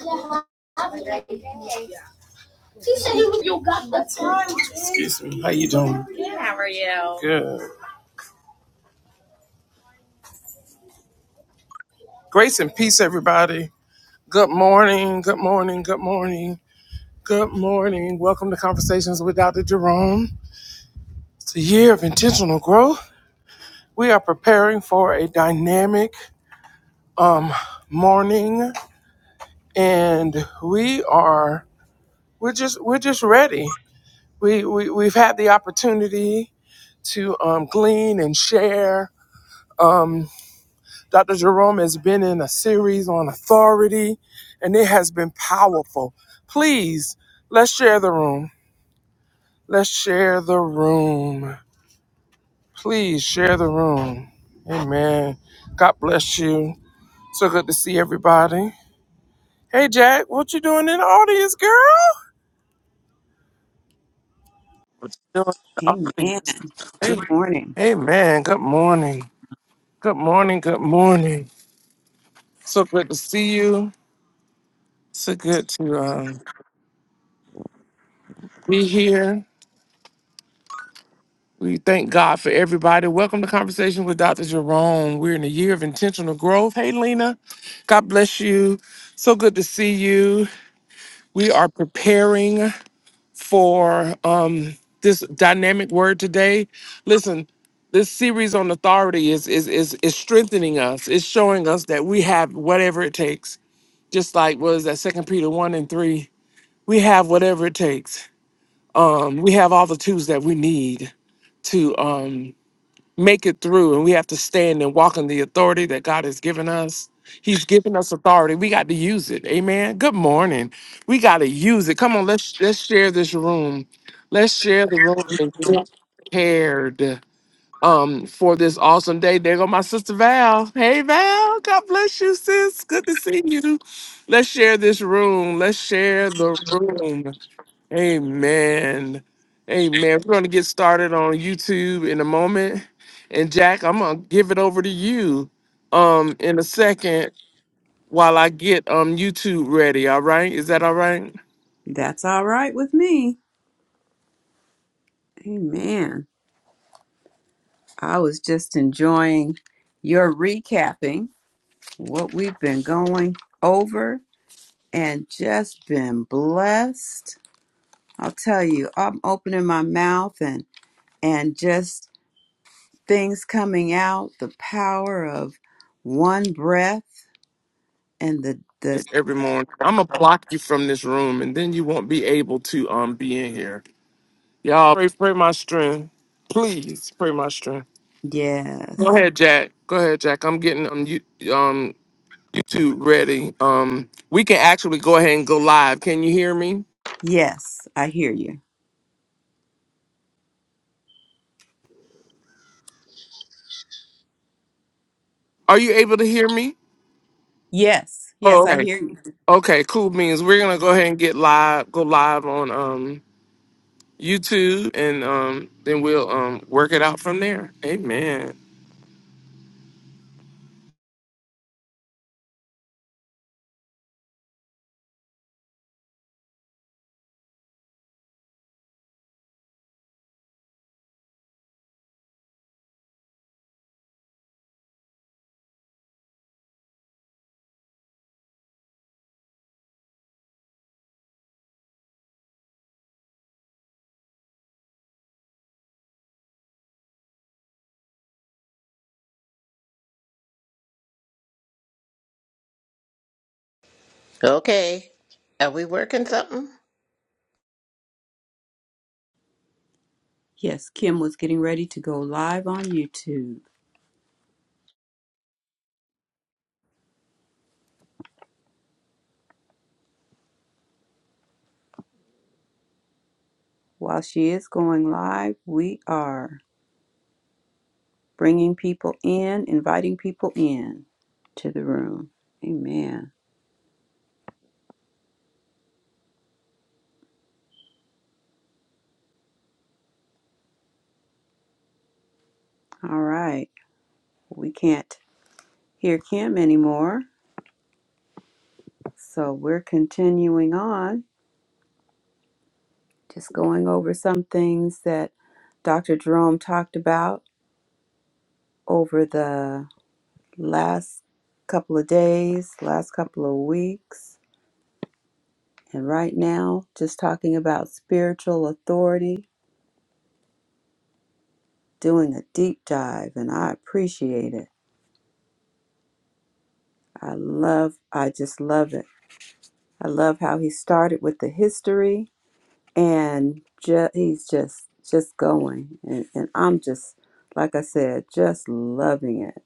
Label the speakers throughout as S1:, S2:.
S1: She said you, got the time. Excuse me. How you doing? Good, how are you? Good. Grace and peace, everybody. Good morning. Good morning. Good morning. Good morning. Welcome to Conversations with Dr. Jerome. It's a year of intentional growth. We are preparing for a dynamic um, morning, and we are we're just we're just ready. We, we we've had the opportunity to um, glean and share. um. Dr. Jerome has been in a series on authority, and it has been powerful. Please, let's share the room. Let's share the room. Please share the room. Amen. God bless you. So good to see everybody. Hey, Jack, what you doing in the audience, girl? What you doing in the
S2: Amen.
S1: audience? Hey,
S2: Good morning.
S1: hey, man. Good morning. Good morning. Good morning. So good to see you. So good to um, be here. We thank God for everybody. Welcome to Conversation with Dr. Jerome. We're in a year of intentional growth. Hey, Lena, God bless you. So good to see you. We are preparing for um, this dynamic word today. Listen, this series on authority is, is is is strengthening us. It's showing us that we have whatever it takes. Just like what is that Second Peter one and three, we have whatever it takes. Um, we have all the tools that we need to um make it through and we have to stand and walk in the authority that God has given us. He's given us authority. We got to use it. Amen. Good morning. We got to use it. Come on, let's let's share this room. Let's share the room and get prepared um for this awesome day. There go my sister Val. Hey Val, God bless you, sis. Good to see you. Let's share this room. Let's share the room. Amen. Amen. We're going to get started on YouTube in a moment. And Jack, I'm going to give it over to you um in a second while I get um YouTube ready, all right? Is that all right?
S2: That's all right with me. Amen. I was just enjoying your recapping what we've been going over and just been blessed. I'll tell you, I'm opening my mouth and and just things coming out, the power of one breath and the the
S1: It's every morning. I'm going to block you from this room and then you won't be able to um be in here. Y'all pray, pray my strength. Please pray my strength. Go
S2: yes.
S1: ahead, Jack. Go ahead, Jack. I'm getting um, you, um YouTube ready. Um, we can actually go ahead and go live. Can you hear me?
S2: Yes, I hear you.
S1: Are you able to hear me?
S2: Yes.
S1: Oh,
S2: Yes, I
S1: okay.
S2: hear you.
S1: Okay, cool means we're gonna go ahead and get live, go live on um YouTube, and um then we'll um work it out from there. Amen.
S3: Okay. Are we working something?
S2: Yes, Kim was getting ready to go live on YouTube. While she is going live, we are bringing people in, inviting people in to the room. Amen. All right. We can't hear Kim anymore, so we're continuing on, just going over some things that Dr. Jerome talked about over the last couple of days, last couple of weeks. And right now, just talking about spiritual authority, doing a deep dive, and I appreciate it. I love, I just love it. I love how he started with the history and ju- he's just, just going. And, and I'm just, like I said, just loving it.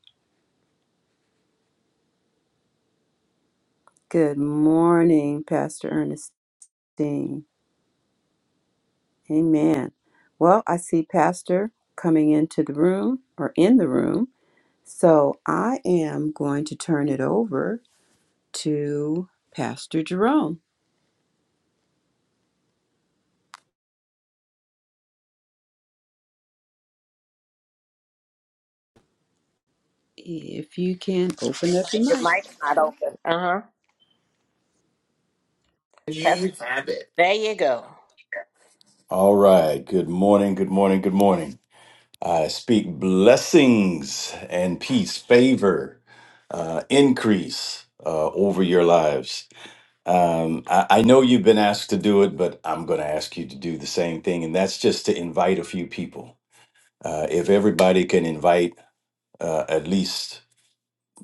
S2: Good morning, Pastor Ernestine. Amen. Well, I see Pastor coming into the room or in the room. So I am going to turn it over to Pastor Jerome. If you can open up your
S3: Your
S2: mic.
S3: mic's not open. Uh huh. That's
S4: You have it.
S3: there. You go.
S4: All right. Good morning. Good morning. Good morning. I speak blessings and peace, favor, uh, increase uh, over your lives. Um, I, I know you've been asked to do it, but I'm going to ask you to do the same thing. And that's just to invite a few people. Uh, if everybody can invite uh, at least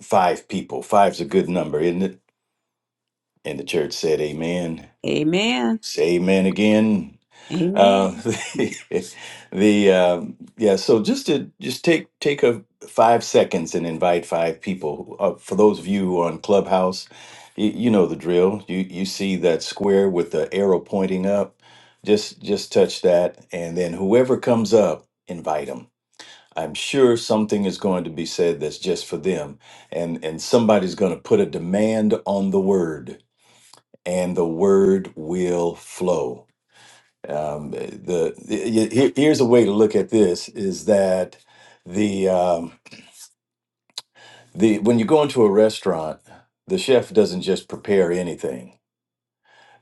S4: five people, five's a good number, isn't it? And the church said, Amen.
S2: Amen.
S4: Say amen again.
S2: Amen.
S4: Um, the, the um, yeah, so just to just take take a five seconds and invite five people. Uh, for those of you who are on Clubhouse, you, you know the drill. You you see that square with the arrow pointing up. Just just touch that, and then whoever comes up, invite them. I'm sure something is going to be said that's just for them, and and somebody's going to put a demand on the word, and the word will flow um, the, the here- here's a way to look at this is that the um, the when you go into a restaurant, the chef doesn't just prepare anything,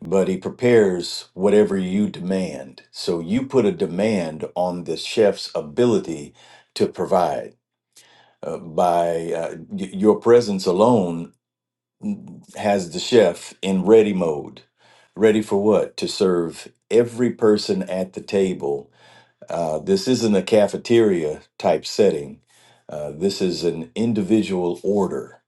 S4: but he prepares whatever you demand. So you put a demand on the chef's ability to provide uh, by uh, y- your presence alone mm, has the chef in ready mode, ready for what? To serve every person at the table Uh, this isn't a cafeteria type setting. Uh, this is an individual order.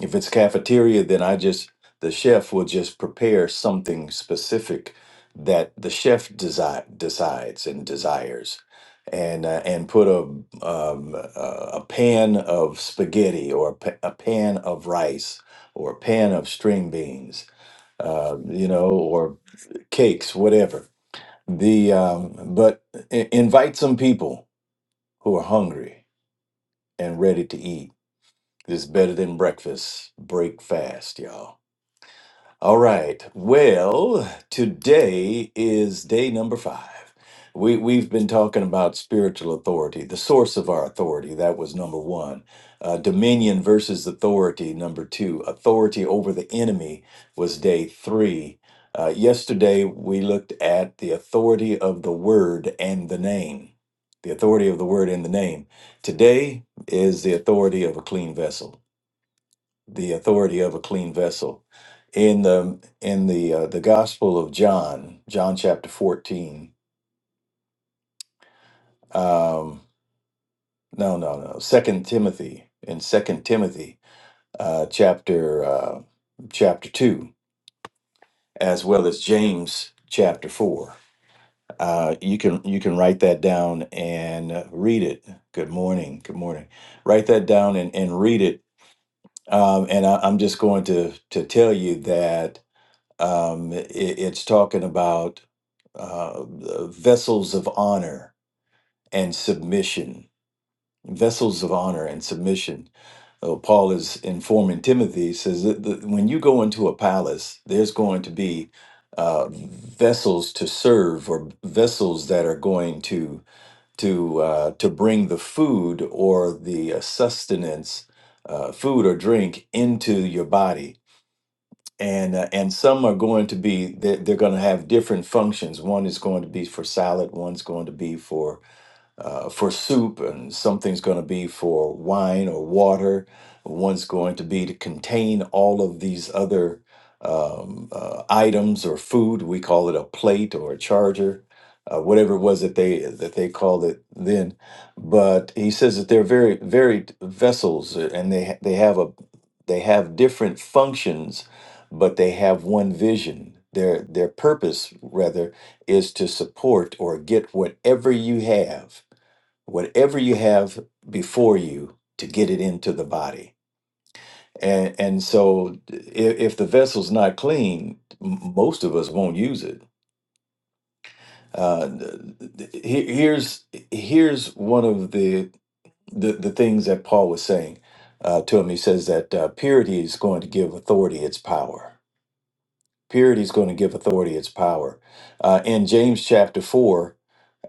S4: If it's cafeteria, then I just, the chef will just prepare something specific that the chef desi- decides and desires. And, uh, and put a um, uh, a pan of spaghetti or a, pa- a pan of rice or a pan of string beans, uh, you know, or cakes, whatever. The um, but i- invite some people who are hungry and ready to eat. It's better than breakfast. Break fast, y'all. All right. Well, today is day number five. We, we've been talking about spiritual authority, the source of our authority. That was number one. Uh, dominion versus authority, number two. Authority over the enemy was day three. Uh, yesterday, we looked at the authority of the word and the name. The authority of the word and the name. Today is the authority of a clean vessel the authority of a clean vessel. In the in the uh, the Gospel of John, John chapter fourteen. Um, no, no, no. Second Timothy in Second Timothy uh, chapter uh, chapter two, as well as James chapter four. Uh, you can you can write that down and uh, read it. Good morning. Good morning. Write that down and, and read it. Um, and I, I'm just going to to tell you that Um, i it's talking about uh, vessels of honor and submission, vessels of honor and submission. Uh, Paul is informing Timothy, he says that the, when you go into a palace, there's going to be uh, vessels to serve or vessels that are going to to uh, to bring the food or the uh, sustenance, uh, food or drink into your body and uh, and some are going to be they're, they're going to have different functions one is going to be for salad one's going to be for uh, for soup, and something's going to be for wine or water. One's going to be to contain all of these other um, uh, items or food. We call it a plate or a charger, uh, whatever it was that they that they called it then. But he says that they're very varied vessels, uh, and they ha- they have a they have different functions, but they have one vision. Their their purpose rather is to support or get whatever you have whatever you have before you to get it into the body. And, and so, if, if the vessel's not clean, m- most of us won't use it. Uh, th- th- he- here's here's one of the, the the things that Paul was saying uh, to him. He says that uh, purity is going to give authority its power. Purity is going to give authority its power. Uh, in James chapter four,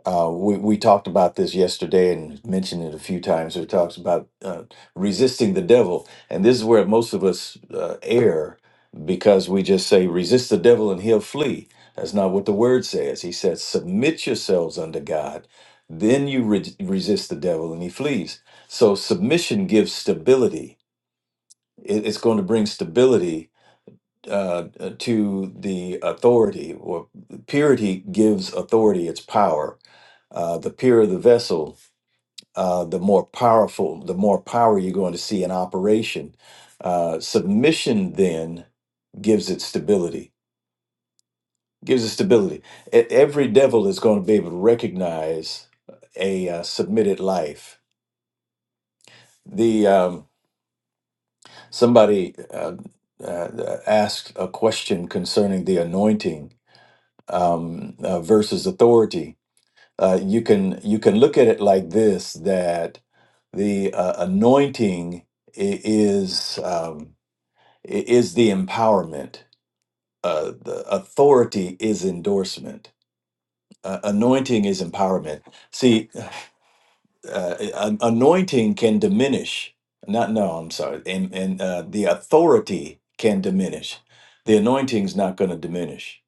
S4: Uh, we, we talked about this yesterday and mentioned it a few times. It talks about uh, resisting the devil. And this is where most of us uh, err because we just say, resist the devil and he'll flee. That's not what the word says. He says, submit yourselves unto God. Then you re- resist the devil and he flees. So submission gives stability. It- it's going to bring stability uh, to the authority, or purity gives authority its power uh, the purer the vessel, uh, the more powerful, the more power you're going to see in operation. Uh, submission then gives it stability, gives it stability. E- Every devil is going to be able to recognize a uh, submitted life. The um, somebody uh, uh, asked a question concerning the anointing um, uh, versus authority, uh, you can you can look at it like this that the uh, anointing i- is um, i- is the empowerment uh, the authority is endorsement uh, anointing is empowerment see uh, uh, an anointing can diminish not no i'm sorry and, and uh, the authority can diminish the anointing's not going to diminish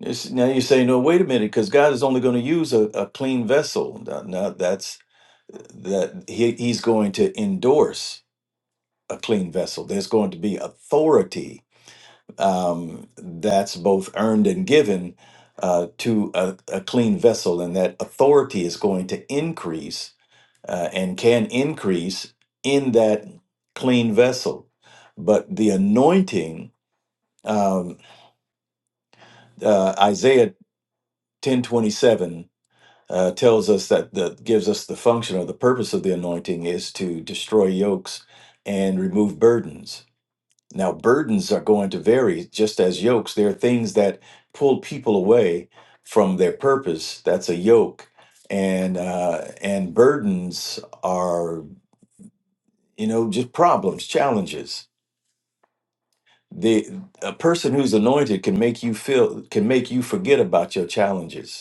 S4: It's- now you say no wait a minute because god is only going to use a, a clean vessel no no, that's that he, he's going to endorse a clean vessel. There's going to be authority um, that's both earned and given uh, to a, a clean vessel, and that authority is going to increase uh, and can increase in that clean vessel. But the anointing, um, uh, Isaiah 10:27. uh, tells us that that gives us the function or the purpose of the anointing is to destroy yokes and remove burdens. Now, burdens are going to vary just as yokes. There are things that pull people away from their purpose. That's a yoke, and uh, and burdens are you know just problems, challenges. The a person who's anointed can make you feel can make you forget about your challenges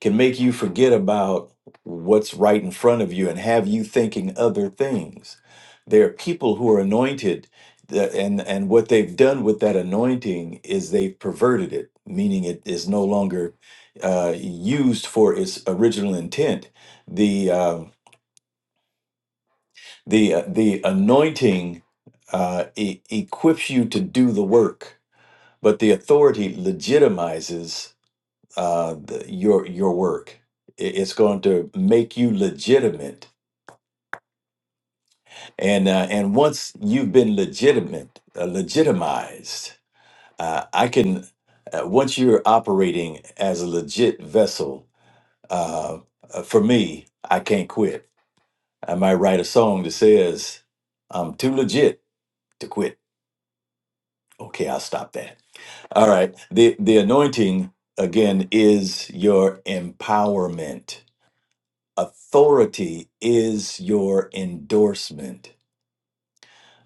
S4: can make you forget about what's right in front of you and have you thinking other things. There are people who are anointed, that, and and what they've done with that anointing is they've perverted it, meaning it is no longer uh, used for its original intent. The uh, the uh, the anointing uh, e- equips you to do the work, but the authority legitimizes uh, the, your your work. I- It's going to make you legitimate, and uh, and once you've been legitimate, uh, legitimized, uh, I can. Uh, once you're operating as a legit vessel, uh, uh, for me, I can't quit. I might write a song that says, "I'm too legit to quit." Okay, I'll stop that. All right. The the anointing again is your empowerment authority is your endorsement.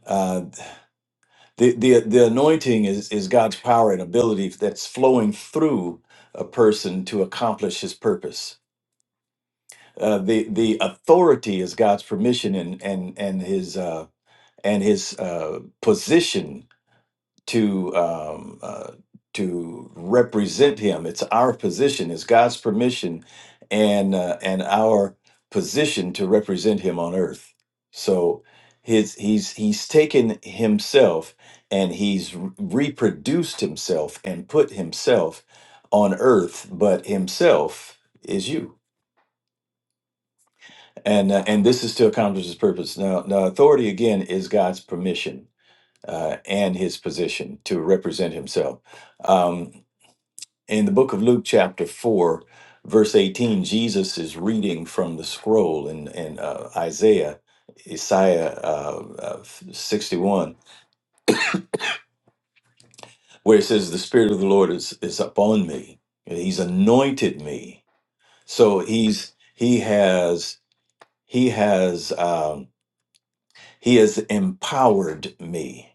S4: Uh, the, the the anointing is is God's power and ability that's flowing through a person to accomplish His purpose. Uh, the the authority is God's permission and and and His uh, and His uh, position to um, uh, to represent Him. It's our position. It's God's permission, and uh, and our position to represent Him on earth. So his he's he's taken himself and he's re- reproduced himself and put himself on earth, but himself is you. And, uh, and this is to accomplish his purpose. Now, now, authority again is God's permission uh, and his position to represent himself. Um, in the book of Luke, chapter 4, verse 18, Jesus is reading from the scroll in, in uh, Isaiah, Isaiah uh, uh, 61, where it says, The Spirit of the Lord is, is upon me, he's anointed me. So he's he has he has um, he has empowered me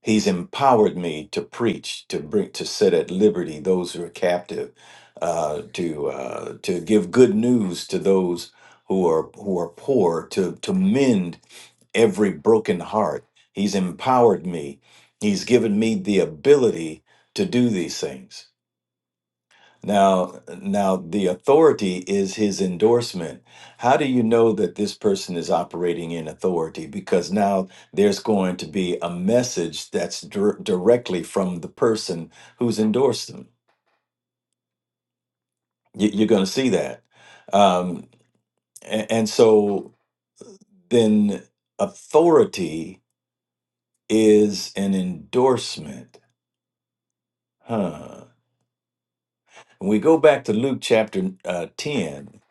S4: He's empowered me to preach, to bring, to set at liberty those who are captive, uh, to uh, to give good news to those who are who are poor, to to mend every broken heart. He's empowered me. He's given me the ability to do these things. Now, now the authority is his endorsement. How do you know that this person is operating in authority? Because now there's going to be a message that's dir- directly from the person who's endorsed them. You- you're going to see that. Um, a- and, so then authority is an endorsement. Huh. When we go back to Luke chapter uh, 10,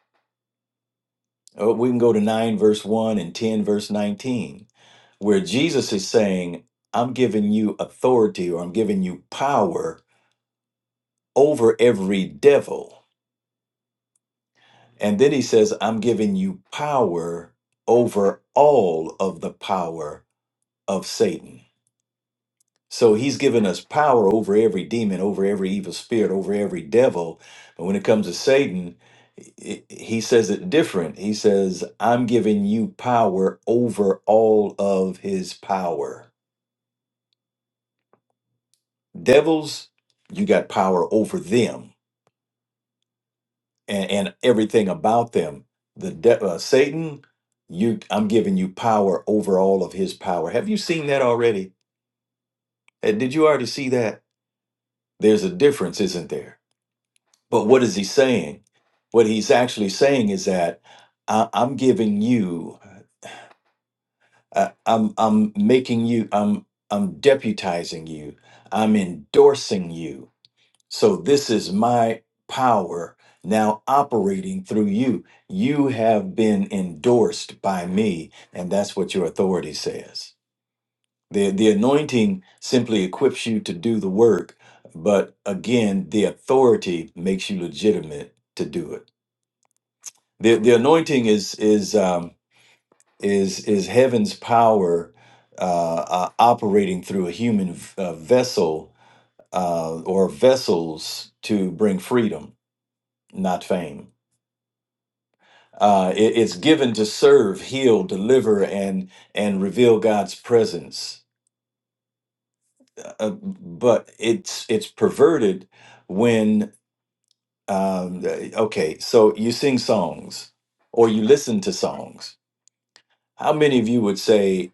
S4: uh, we can go to 9 verse 1 and 10 verse 19 where Jesus is saying, I'm giving you authority or I'm giving you power over every devil. And then he says, I'm giving you power over all of the power of Satan. So he's given us power over every demon, over every evil spirit, over every devil. But when it comes to Satan, i- i- he says it different. He says, I'm giving you power over all of his power devils you got power over them and, and everything about them the de- uh, satan you i'm giving you power over all of his power have you seen that already Uh, did you already see that there's a difference isn't there but what is he saying what he's actually saying is that I, i'm giving you uh, i'm i'm making you i'm i'm deputizing you i'm endorsing you So this is my power now operating through you. You have been endorsed by me, and that's what your authority says. The, the anointing simply equips you to do the work, but again, the authority makes you legitimate to do it. The, the anointing is is um, is is heaven's power uh, uh, operating through a human v- uh, vessel uh, or vessels to bring freedom not fame. Uh, it- it's given to serve, heal, deliver, and and reveal God's presence. Uh, uh, but it's it's perverted when um, uh, okay. So you sing songs or you listen to songs. How many of you would say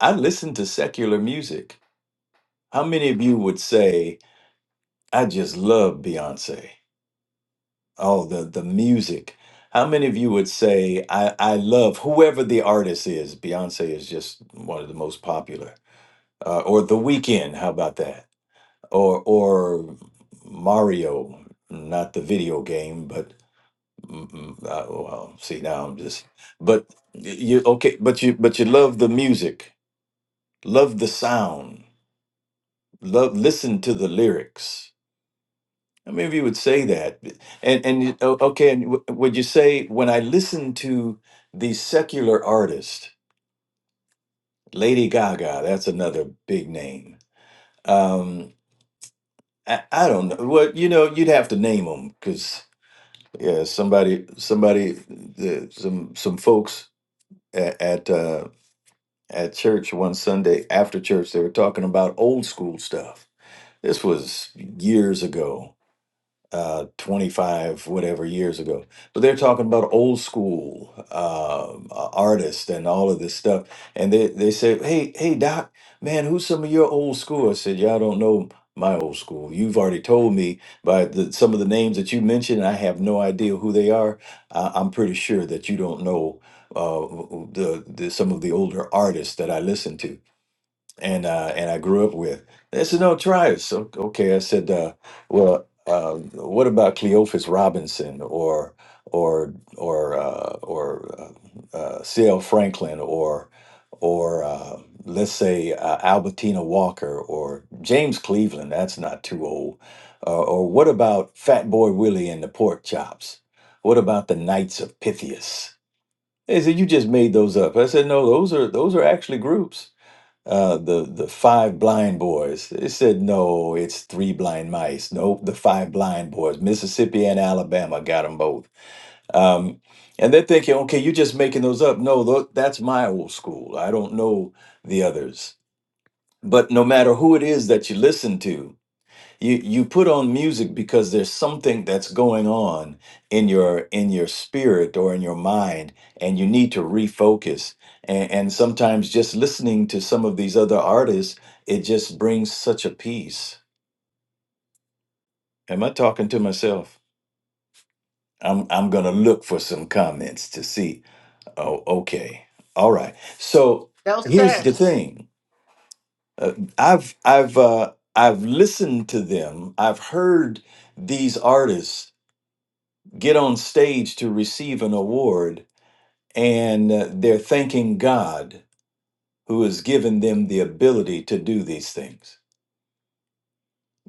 S4: I listen to secular music? How many of you would say I just love Beyonce? Oh, the the music. How many of you would say I I love whoever the artist is? Beyonce is just one of the most popular. Uh, or The Weeknd, how about that? Or or Mario, not the video game, but mm, mm, uh, well, see now I'm just but y- you okay, but you but you love the music, love the sound, love listen to the lyrics. How many of you would say that? And and you- o- okay, and w- would you say when I listen to the secular artist, Lady Gaga, that's another big name. Um, I, I don't know. Well, you know, you'd have to name them because yeah, somebody, somebody, the, some some folks at at, uh, at church one Sunday after church, they were talking about old school stuff. This was years ago uh 25 whatever years ago but they're talking about old school um uh, artists and all of this stuff and they they said hey hey doc man who's some of your old school i said y'all don't know my old school you've already told me by the, some of the names that you mentioned i have no idea who they are I, i'm pretty sure that you don't know uh the, the some of the older artists that i listen to and uh, and I grew up with. They said, "No, try it." So okay, I said, uh, "Well, uh, what about Cleophas Robinson or or or uh, or uh, uh, C.L. Franklin or or uh, let's say uh, Albertina Walker or James Cleveland? That's not too old. Uh, or what about Fat Boy Willie and the Pork Chops? What about the Knights of Pythias?" They said, "You just made those up." I said, "No, those are those are actually groups." uh, the the five blind boys. They said no, it's three blind mice. Nope, the five blind boys. Mississippi and Alabama got them both. Um, and they're thinking, okay, you're just making those up. No, tho- that's my old school. I don't know the others. But no matter who it is that you listen to, you you put on music because there's something that's going on in your in your spirit or in your mind and you need to refocus and, and sometimes just listening to some of these other artists it just brings such a peace am i talking to myself i'm i'm gonna look for some comments to see oh okay all right so
S3: No,
S4: here's
S3: sir.
S4: the thing uh, i've i've uh, i've listened to them i've heard these artists get on stage to receive an award and uh, they're thanking God who has given them the ability to do these things.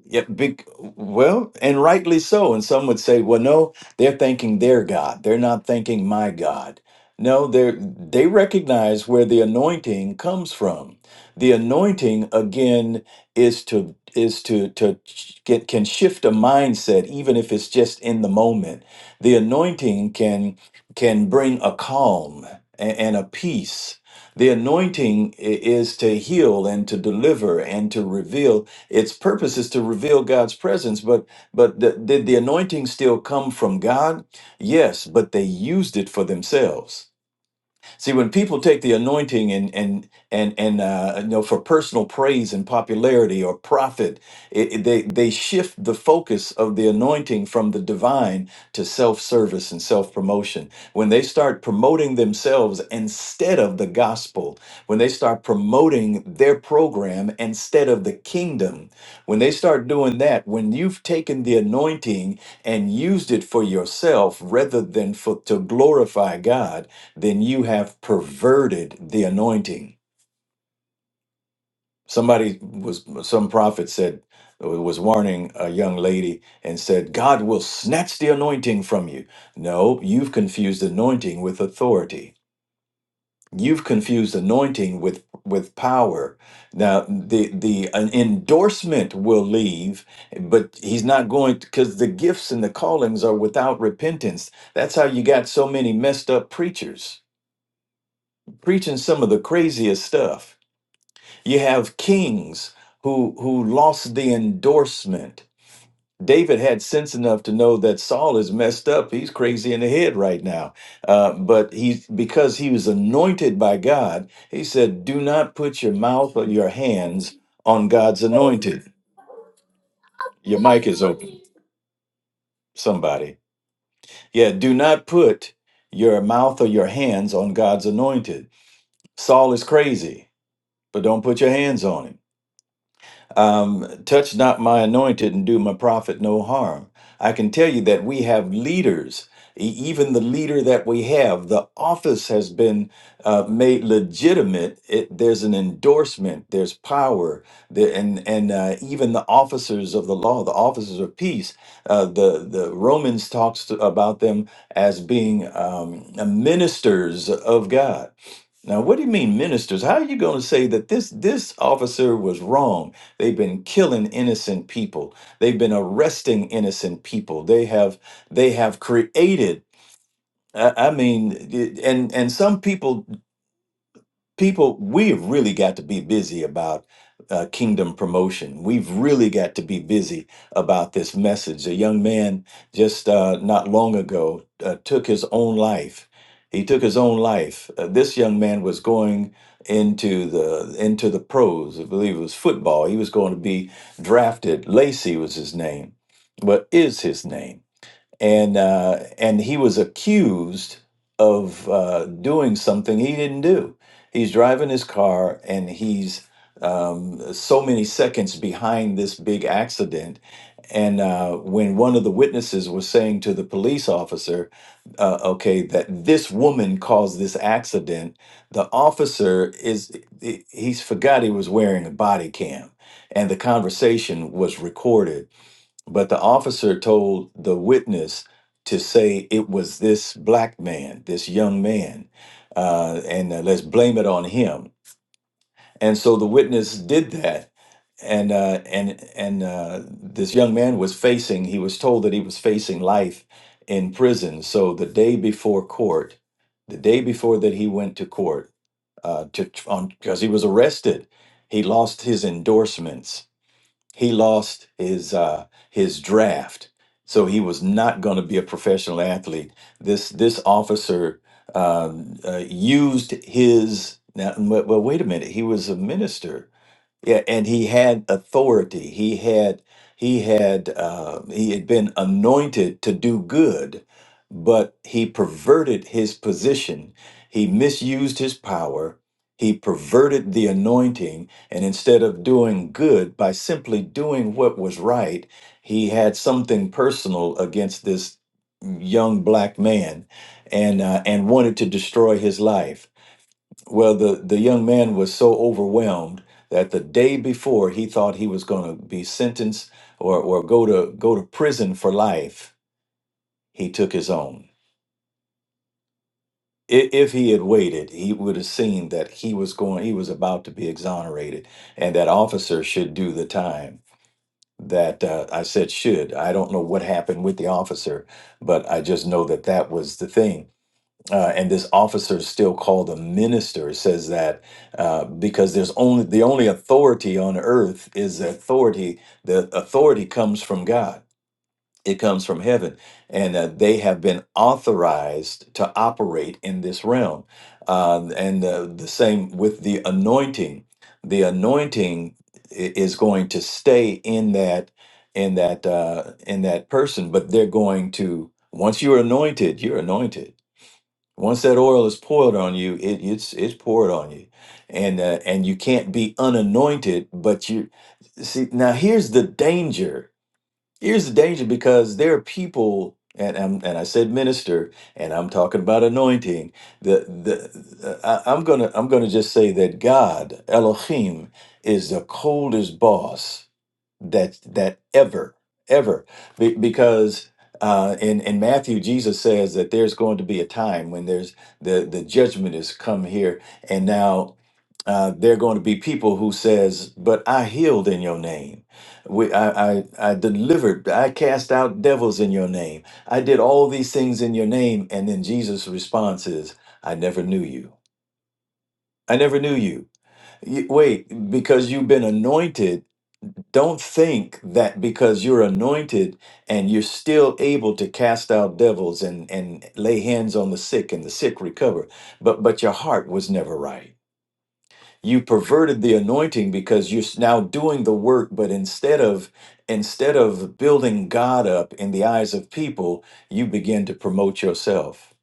S4: Yeah, big, well, and rightly so. And some would say, well, no, they're thanking their God. They're not thanking my God. No, they they recognize where the anointing comes from. The anointing again is to is to to ch- get can shift a mindset even if it's just in the moment. The anointing can can bring a calm and, and a peace. The anointing i- is to heal and to deliver and to reveal its purpose is to reveal God's presence, but but th- did the anointing still come from God? Yes, but they used it for themselves. See, when people take the anointing and and and and uh, you know for personal praise and popularity or profit, it, it- they they shift the focus of the anointing from the divine to self service and self promotion. When they start promoting themselves instead of the gospel, when they start promoting their program instead of the kingdom, when they start doing that, when you've taken the anointing and used it for yourself rather than for to glorify God then you have perverted the anointing. Somebody was, some prophet said, was warning a young lady and said, God will snatch the anointing from you. No, you've confused anointing with authority. You've confused anointing with, with power. Now, the, the an endorsement will leave, but he's not going because the gifts and the callings are without repentance. That's how you got so many messed up preachers preaching some of the craziest stuff You have kings who who lost the endorsement. David had sense enough to know that Saul is messed up. He's crazy in the head right now. Uh, but he, because he was anointed by God, he said, "Do not put your mouth or your hands on God's anointed." Your mic is open. Somebody, yeah. Do not put your mouth or your hands on God's anointed. Saul is crazy, but don't put your hands on him. Um, Touch not my anointed and do my prophet no harm. I can tell you that we have leaders. E- Even the leader that we have, the office has been uh, made legitimate. It, there's an endorsement. There's power, the, and and uh, even the officers of the law, the officers of peace. Uh, the the Romans talks to, about them as being um, ministers of God now, what do you mean, ministers? How are you going to say that this this officer was wrong? They've been killing innocent people. They've been arresting innocent people. They have they have created. I, I mean, it- and and some people people we've really got to be busy about uh, kingdom promotion we've really got to be busy about this message a young man just uh, not long ago uh, took his own life he took his own life Uh, this young man was going into the into the pros i believe it was football he was going to be drafted lacey was his name what is his name and uh, and he was accused of uh, doing something he didn't do. He's driving his car, and he's um, so many seconds behind this big accident. And uh, when one of the witnesses was saying to the police officer, uh, "Okay, that this woman caused this accident," the officer is he- he's forgot he was wearing a body cam, and the conversation was recorded but the officer told the witness to say it was this black man, this young man, uh, and uh, let's blame it on him. And so the witness did that, and uh, and and uh, this young man was facing. He was told that he was facing life in prison. So the day before court, the day before that he went to court, uh, to on because he was arrested, he lost his endorsements he lost his uh, his draft, so he was not going to be a professional athlete. This this officer um, uh, used his now. Well, well, wait a minute. He was a minister yeah, and he had authority. He had he had uh, he had been anointed to do good, but he perverted his position. He misused his power. He perverted the anointing, and instead of doing good by simply doing what was right, he had something personal against this young black man, and uh, and wanted to destroy his life. Well, the, the young man was so overwhelmed that the day before he thought he was going to be sentenced or, or go to go to prison for life. He took his own. I- If he had waited, he would have seen that he was going, he was about to be exonerated, and that officer should do the time. That uh, I said should. I don't know what happened with the officer, but I just know that that was the thing uh, and this officer still called a minister says that uh, because there's only the only authority on earth is authority the authority comes from god it comes from heaven and uh, they have been authorized to operate in this realm uh, and uh, the same with the anointing the anointing i- is going to stay in that in that uh, in that person but they're going to once you're anointed you're anointed once that oil is poured on you, it, it's it's poured on you, and uh, and you can't be unanointed. But you see now here's the danger. Here's the danger because there are people, and and, and I said minister, and I'm talking about anointing. The the uh, I, I'm gonna I'm gonna just say that God Elohim is the coldest boss that that ever ever Be- because uh, in in Matthew Jesus says that there's going to be a time when there's the the judgment has come here and now uh, there are going to be people who says but I healed in your name we, I, I I delivered I cast out devils in your name I did all these things in your name and then Jesus response is I never knew you I never knew you Y- wait because you've been anointed don't think that because you're anointed and you're still able to cast out devils and, and lay hands on the sick and the sick recover, but, but your heart was never right. You perverted the anointing because you're s- now doing the work, but instead of instead of building God up in the eyes of people, you begin to promote yourself.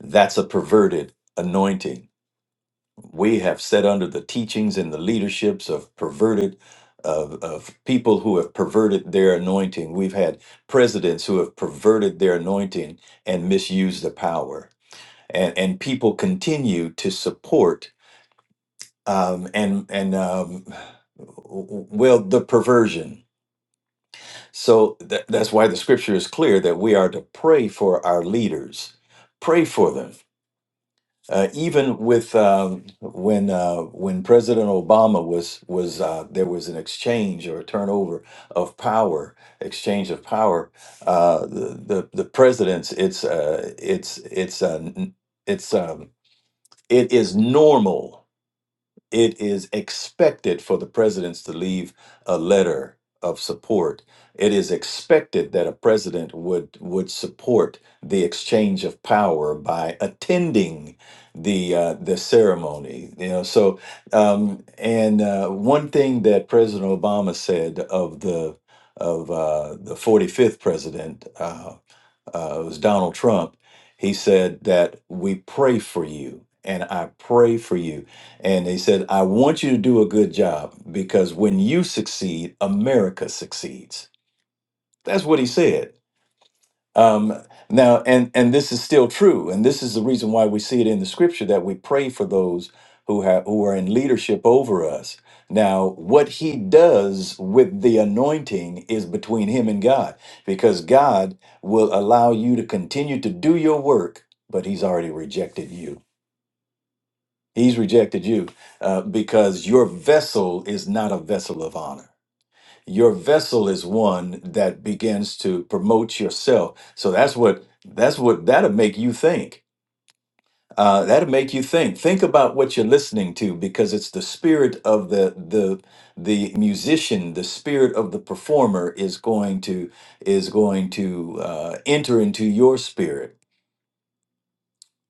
S4: That's a perverted anointing. we have set under the teachings and the leaderships of perverted of, of people who have perverted their anointing we've had presidents who have perverted their anointing and misused the power and and people continue to support um and and um well the perversion so tha- that's why the scripture is clear that we are to pray for our leaders pray for them Uh, even with um, when uh, when President Obama was was uh, there was an exchange or a turnover of power, exchange of power. Uh, the, the the presidents, it's uh, it's it's uh, n- it's um, it is normal it is expected for the presidents to leave a letter of support. It is expected that a president would would support the exchange of power by attending the uh, the ceremony. You know, so um, and uh, one thing that President Obama said of the of uh, the 45th president uh, uh, it was Donald Trump. He said that we pray for you, and I pray for you. And he said, I want you to do a good job because when you succeed, America succeeds. That's what he said um, now, and and this is still true, and this is the reason why we see it in the scripture that we pray for those who have who are in leadership over us. Now, what he does with the anointing is between him and God, because God will allow you to continue to do your work, but he's already rejected you. He's rejected you uh, because your vessel is not a vessel of honor your vessel is one that begins to promote yourself so that's what that's what that'll make you think uh, that'll make you think think about what you're listening to because it's the spirit of the the the musician the spirit of the performer is going to is going to uh, enter into your spirit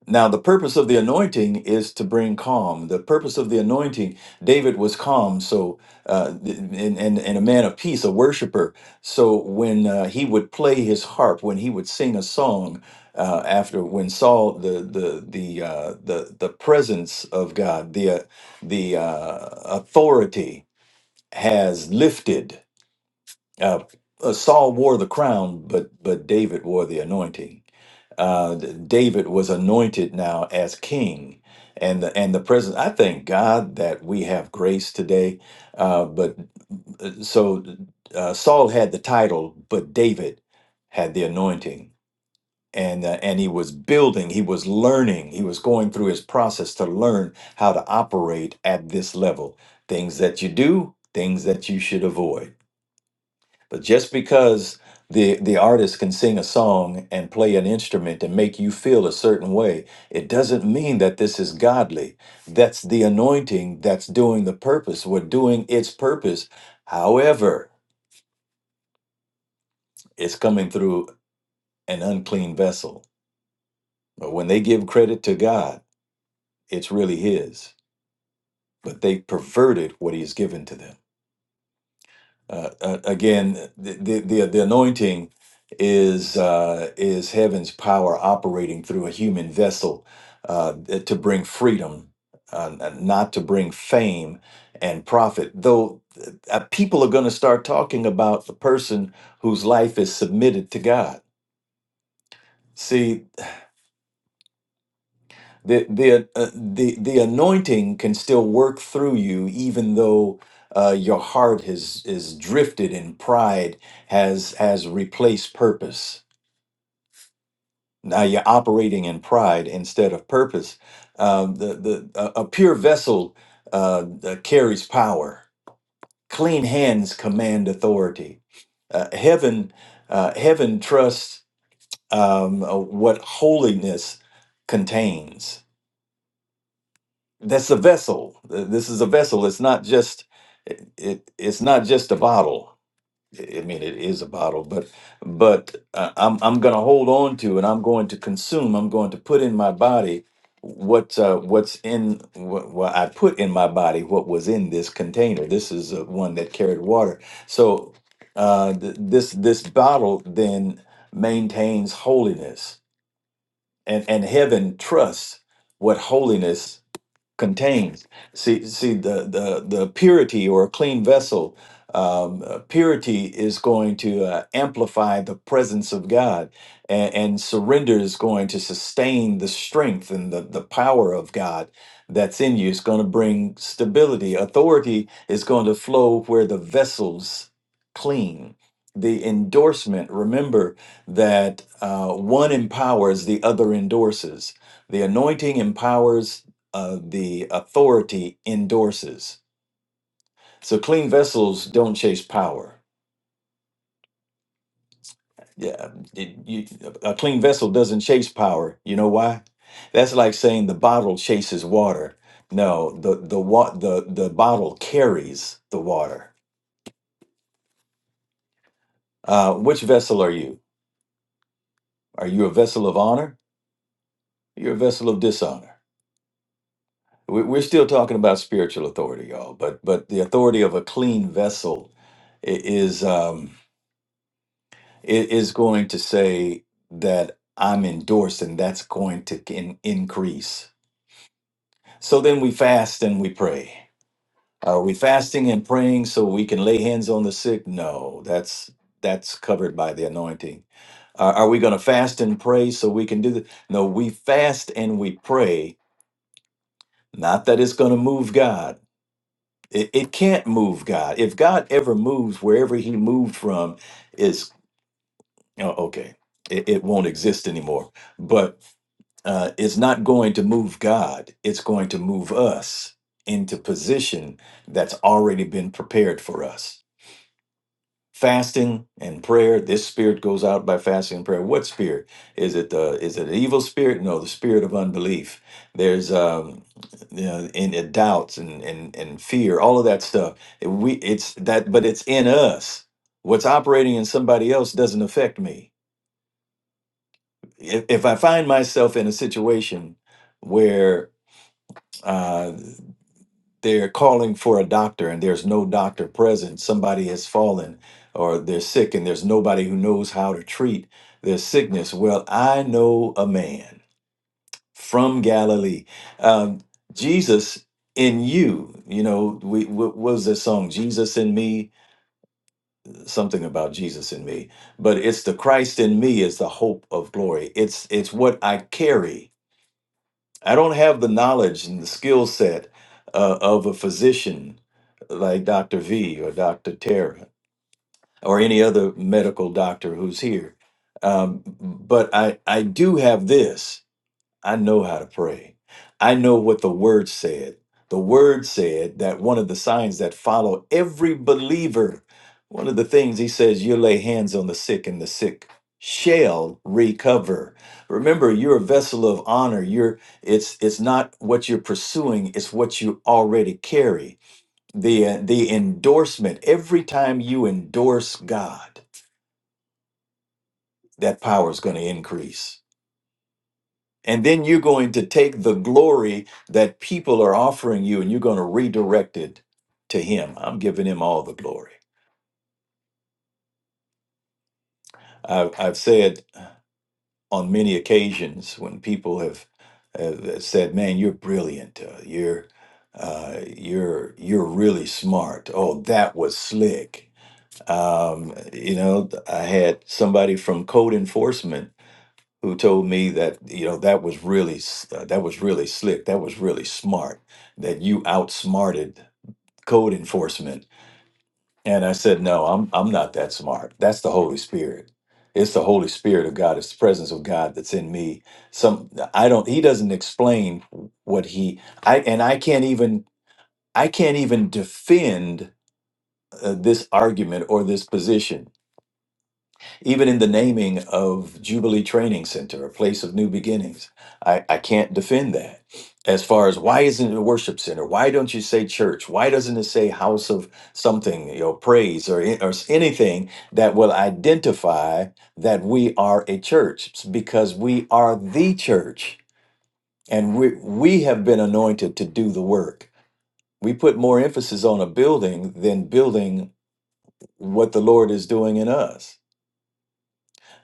S4: now, the purpose of the anointing is to bring calm. The purpose of the anointing, David was calm, so uh, and, and and a man of peace, a worshiper. So when uh, he would play his harp, when he would sing a song, uh, after when Saul the the the uh, the the presence of God, the uh, the uh, authority has lifted uh, uh, Saul wore the crown, but but David wore the anointing. Uh, D- David was anointed now as king, and the and the presence. I thank God that we have grace today. Uh, but uh, so uh, Saul had the title, but David had the anointing, and uh, and he was building, he was learning, he was going through his process to learn how to operate at this level. Things that you do, things that you should avoid but just because the the artist can sing a song and play an instrument and make you feel a certain way, it doesn't mean that this is godly. That's the anointing that's doing the purpose. We're doing its purpose. However, it's coming through an unclean vessel. But when they give credit to God, it's really his. But they perverted what he's given to them. uh, uh, again, the, the the the anointing is uh, is heaven's power operating through a human vessel uh, to bring freedom, uh, n- not to bring fame and profit. Though uh, uh, people are going to start talking about the person whose life is submitted to God. See, the the uh, the the anointing can still work through you even though uh, your heart has is drifted and pride has has replaced purpose now you're operating in pride instead of purpose um, the the a a pure vessel uh, uh, carries power clean hands command authority uh, heaven uh, heaven trusts um, uh, what holiness contains that's a vessel Th- this is a vessel it's not just it, it- it's not just a bottle i I mean it is a bottle but but uh, i'm i'm going to hold on to and i'm going to consume i'm going to put in my body what uh, what's in what, what i put in my body what was in this container this is uh, one that carried water so uh th- this this bottle then maintains holiness and and heaven trusts what holiness contains. See, see the the the purity or a clean vessel. Um, uh, purity is going to uh, amplify the presence of God, and, and surrender is going to sustain the strength and the the power of God that's in you. It's going to bring stability. Authority is going to flow where the vessel's clean. The endorsement. Remember that uh, one empowers, the other endorses. The anointing empowers uh, the authority endorses. So clean vessels don't chase power. Yeah, it- you- a clean vessel doesn't chase power. You know why? That's like saying the bottle chases water. No, the the wa- the the bottle carries the water. Uh, which vessel are you? Are you a vessel of honor? You're a vessel of dishonor. We- We're still talking about spiritual authority, y'all. But but the authority of a clean vessel i- is. Um, it is going to say that I'm endorsed and that's going to in- increase. So then we fast and we pray. Are we fasting and praying so we can lay hands on the sick? No, that's that's covered by the anointing. Are are we going to fast and pray so we can do that? No, we fast and we pray. Not that it's going to move God. It, it can't move God. If God ever moves, wherever He moved from, is oh, okay. It, it won't exist anymore. But uh, is not going to move God. It's going to move us into position that's already been prepared for us. Fasting and prayer. This spirit goes out by fasting and prayer. What spirit is it? The is it an evil spirit? No, the spirit of unbelief. There's um, you know, in, in doubts and, and and fear, all of that stuff. It- we it's that, but it's in us. What's operating in somebody else doesn't affect me. If, if I find myself in a situation where uh, they're calling for a doctor and there's no doctor present. Somebody has fallen or they're sick and there's nobody who knows how to treat their sickness. Well, I know a man from Galilee. Um, Jesus in you, you know, we, what was this song? Jesus in me, something about Jesus in me. But it's the Christ in me is the hope of glory. It's it's what I carry I don't have the knowledge and the skill set uh, of a physician like Dr. V or Dr. Tara or any other medical doctor who's here. Um, but I, I do have this. I know how to pray. I know what the word said. The word said that one of the signs that follow every believer, one of the things he says, you lay hands on the sick and the sick shall recover. Remember, you're a vessel of honor. You're it's it's not what you're pursuing, it's what you already carry. The uh, the endorsement, every time you endorse God, that power is going to increase And then you're going to take the glory that people are offering you and you're going to redirect it to Him. I'm giving Him all the glory. I've, I've said on many occasions when people have, have said, "Man, you're brilliant. Uh, you're uh, you're you're really smart. Oh, that was slick." Um, you know, I had somebody from code enforcement who told me that you know that was really s- uh, that was really slick that was really smart that you outsmarted code enforcement and i said no i'm i'm not that smart that's the holy spirit it's the holy spirit of god it's the presence of god that's in me some i don't he doesn't explain what he i and i can't even i can't even defend uh, this argument or this position Even in the naming of Jubilee Training Center, a place of new beginnings, I, I can't defend that. As far as why isn't it a worship center? Why don't you say church? Why doesn't it say house of something, you know, praise or, or anything that will identify that we are a church? It's because we are the church and we, we have been anointed to do the work. We put more emphasis on a building than building what the Lord is doing in us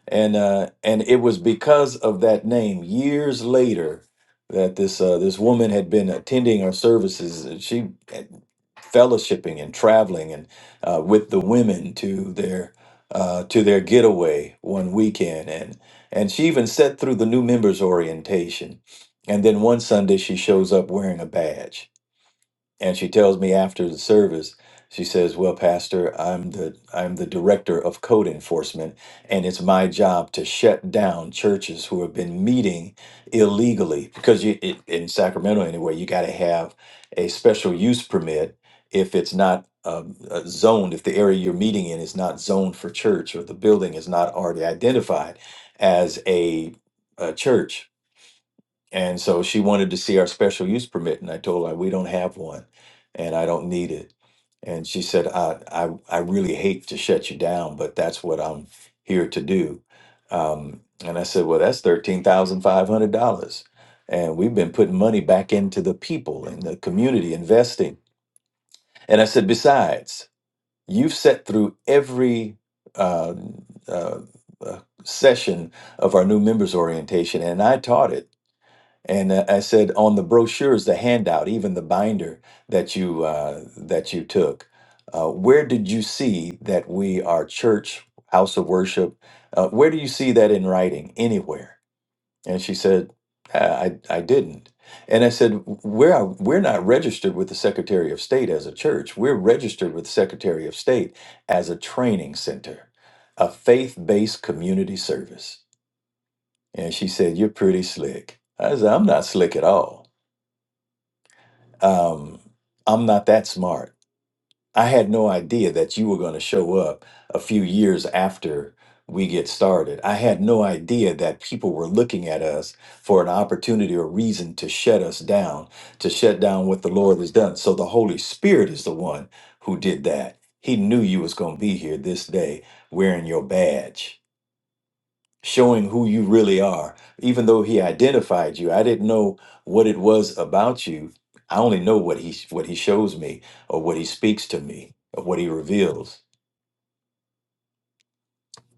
S4: and uh, and it was because of that name years later that this uh, this woman had been attending our services. and She had fellowshipping and traveling and uh, with the women to their uh, to their getaway one weekend, and and she even sat through the new members orientation. And then one Sunday she shows up wearing a badge and she tells me after the service she says well pastor i'm the i'm the director of code enforcement and it's my job to shut down churches who have been meeting illegally because you i- in sacramento anyway you got to have a special use permit if it's not um, uh, zoned if the area you're meeting in is not zoned for church or the building is not already identified as a, a church and so she wanted to see our special use permit, and I told her we don't have one, and I don't need it. And she said, "I I, I really hate to shut you down, but that's what I'm here to do." Um, and I said, "Well, that's thirteen thousand five hundred dollars, and we've been putting money back into the people and the community investing." And I said, "Besides, you've sat through every." Uh, uh, uh, session of our new members orientation and I taught it and uh, I said on the brochures, the handout, even the binder that you uh, that you took, uh, where did you see that we are church, house of worship? Uh, where do you see that in writing anywhere? And she said, I I I didn't. And I said, we're we're not registered with the Secretary of State as a church. We're registered with the Secretary of State as a training center, a faith-based community service. And she said, You're pretty slick. I said, I'm not slick at all um, I'm not that smart. I had no idea that you were going to show up a few years after we get started. I had no idea that people were looking at us for an opportunity or reason to shut us down, to shut down what the Lord has done. So the Holy Spirit is the one who did that. He knew you was going to be here this day wearing your badge showing who you really are. Even though he identified you, I didn't know what it was about you. I only know what he what he shows me or what he speaks to me or what he reveals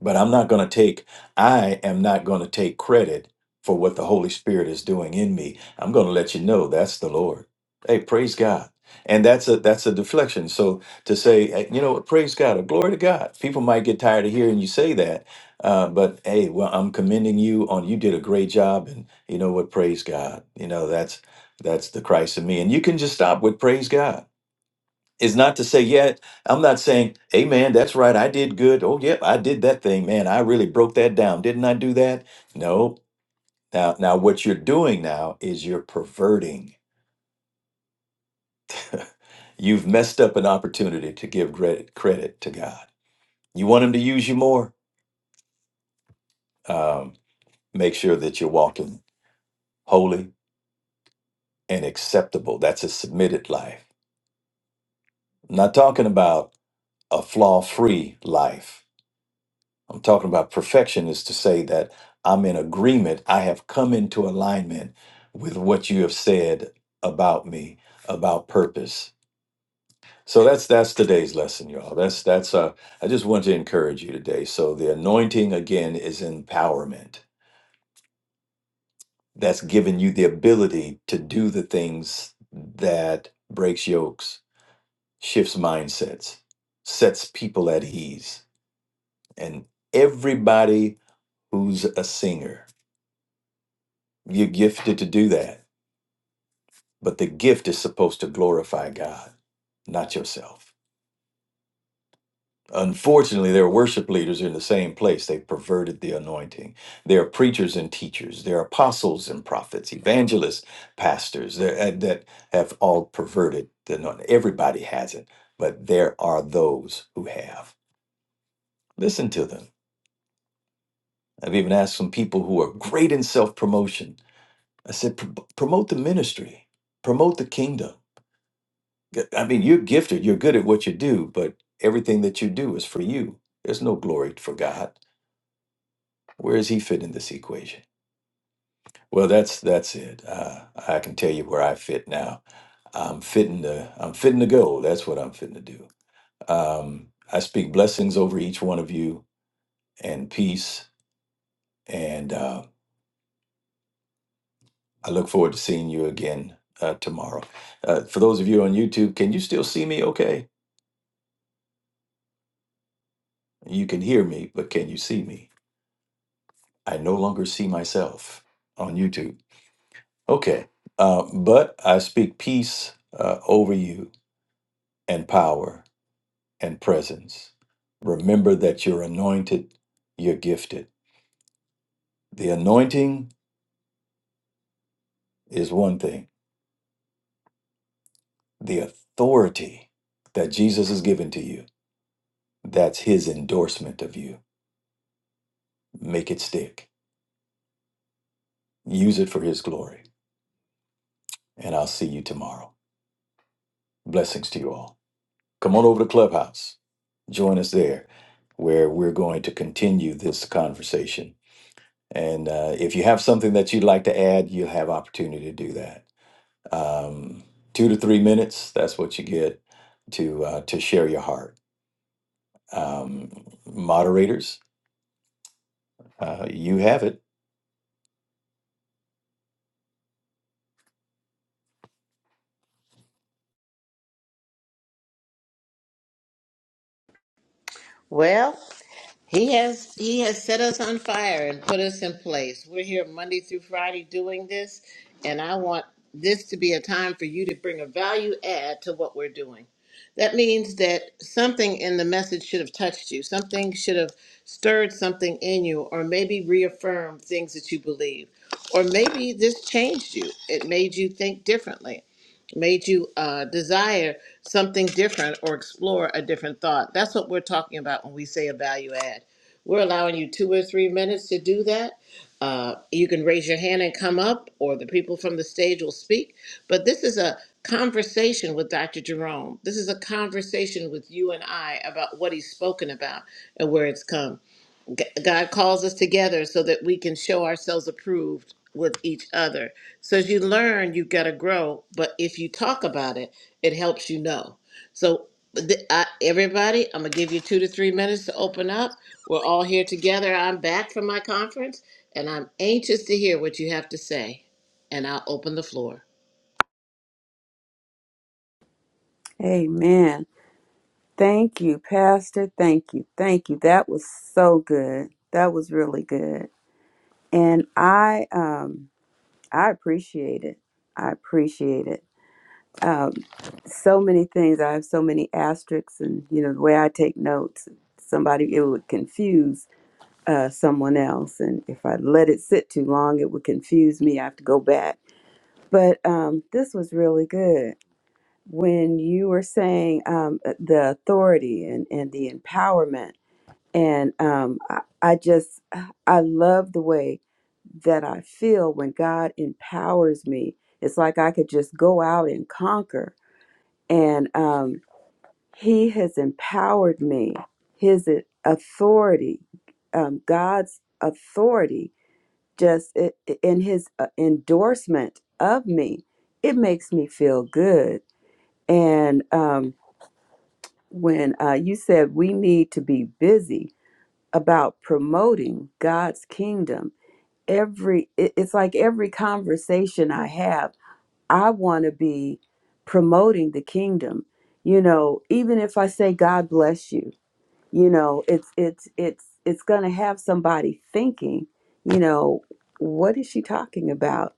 S4: but I'm not going to take I am not going to take credit for what the Holy Spirit is doing in me. I'm going to let you know that's the Lord. Hey, praise God. And that's a that's a deflection. So to say, eh, you know, what, praise God or glory to God. People might get tired of hearing you say that, uh, but hey, well, I'm commending you on you did a great job, and you know what, praise God. You know that's that's the Christ in me, and you can just stop with praise God is not to say yeah. i'm not saying hey man that's right i did good oh yep i did that thing man i really broke that down didn't i do that no now now what you're doing now is you're perverting you've messed up an opportunity to give credit credit to god you want him to use you more um, make sure that you're walking holy and acceptable that's a submitted life I'm not talking about a flaw free life I'm talking about perfection is to say that I'm in agreement. I have come into alignment with what you have said about me, about purpose. So that's that's today's lesson, y'all. That's that's uh I just want to encourage you today. So the anointing again is empowerment. That's giving you the ability to do the things that breaks yokes, shifts mindsets, sets people at ease. And everybody who's a singer You're gifted to do that. But the gift is supposed to glorify God, not yourself. Unfortunately, there are worship leaders in the same place. They've perverted the anointing. There are preachers and teachers. There are apostles and prophets, evangelists, pastors there- uh, that have all perverted the anointing. Everybody has it, but there are those who have. Listen to them. I've even asked some people who are great in self promotion. I said, "Pro- promote the ministry, promote the kingdom G- I mean, you're gifted, you're good at what you do, but everything that you do is for you. There's no glory for God. Where does He fit in this equation? Well, that's that's it. Uh, I can tell you where I fit now. I'm fitting to I'm fitting to go. That's what I'm fitting to do. Um, I speak blessings over each one of you and peace. And uh, I look forward to seeing you again uh, tomorrow. Uh, for those of you on YouTube, can you still see me? Okay, you can hear me, but can you see me? I no longer see myself on YouTube. Okay. Uh, but I speak peace uh, over you and power and presence. Remember that you're anointed, you're gifted. The anointing is one thing, the authority that Jesus has given to you, that's his endorsement of you. Make it stick, use it for his glory. And I'll see you tomorrow. Blessings to you all. Come on over to Clubhouse join us there where we're going to continue this conversation. And uh, if you have something that you'd like to add, you'll have opportunity to do that. Um, two to three minutes, that's what you get to uh, to share your heart. Um, moderators, uh, you have it.
S3: Well, he has he has set us on fire and put us in place. We're here Monday through Friday doing this, and I want this to be a time for you to bring a value add to what we're doing. That means that something in the message should have touched you. Something should have stirred something in you, or maybe reaffirmed things that you believe. Or maybe this changed you. It made you think differently made you uh, desire something different or explore a different thought. That's what we're talking about when we say a value add. We're allowing you two or three minutes to do that. Uh, you can raise your hand and come up, or the people from the stage will speak. But this is a conversation with Dr. Jerome. This is a conversation with you and I about what he's spoken about and where it's come. G- God calls us together so that we can show ourselves approved with each other. So as you learn, you got to grow. But if you talk about it, it helps you know. So th- I, everybody, I'm gonna give you two to three minutes to open up. We're all here together. I'm back from my conference, and I'm anxious to hear what you have to say. And I'll open the floor.
S2: Amen. Thank you, Pastor. Thank you. Thank you. That was so good. That was really good. And I um I appreciate it. I appreciate it. Um so many things. I have so many asterisks and you know the way I take notes, somebody it would confuse uh, someone else. And if I let it sit too long, it would confuse me. I have to go back But um, this was really good when you were saying um, uh, the authority and, and the empowerment. And um, I, I just, I love the way that I feel when God empowers me. It's like I could just go out and conquer. And um, He has empowered me, His uh, authority, um, God's authority just it, in his uh, endorsement of me, it makes me feel good. And um, when uh, you said we need to be busy about promoting God's kingdom, every it- it's like every conversation I have, I want to be promoting the kingdom. You know, even if I say God bless you, you know it's it's it's it's going to have somebody thinking you know what is she talking about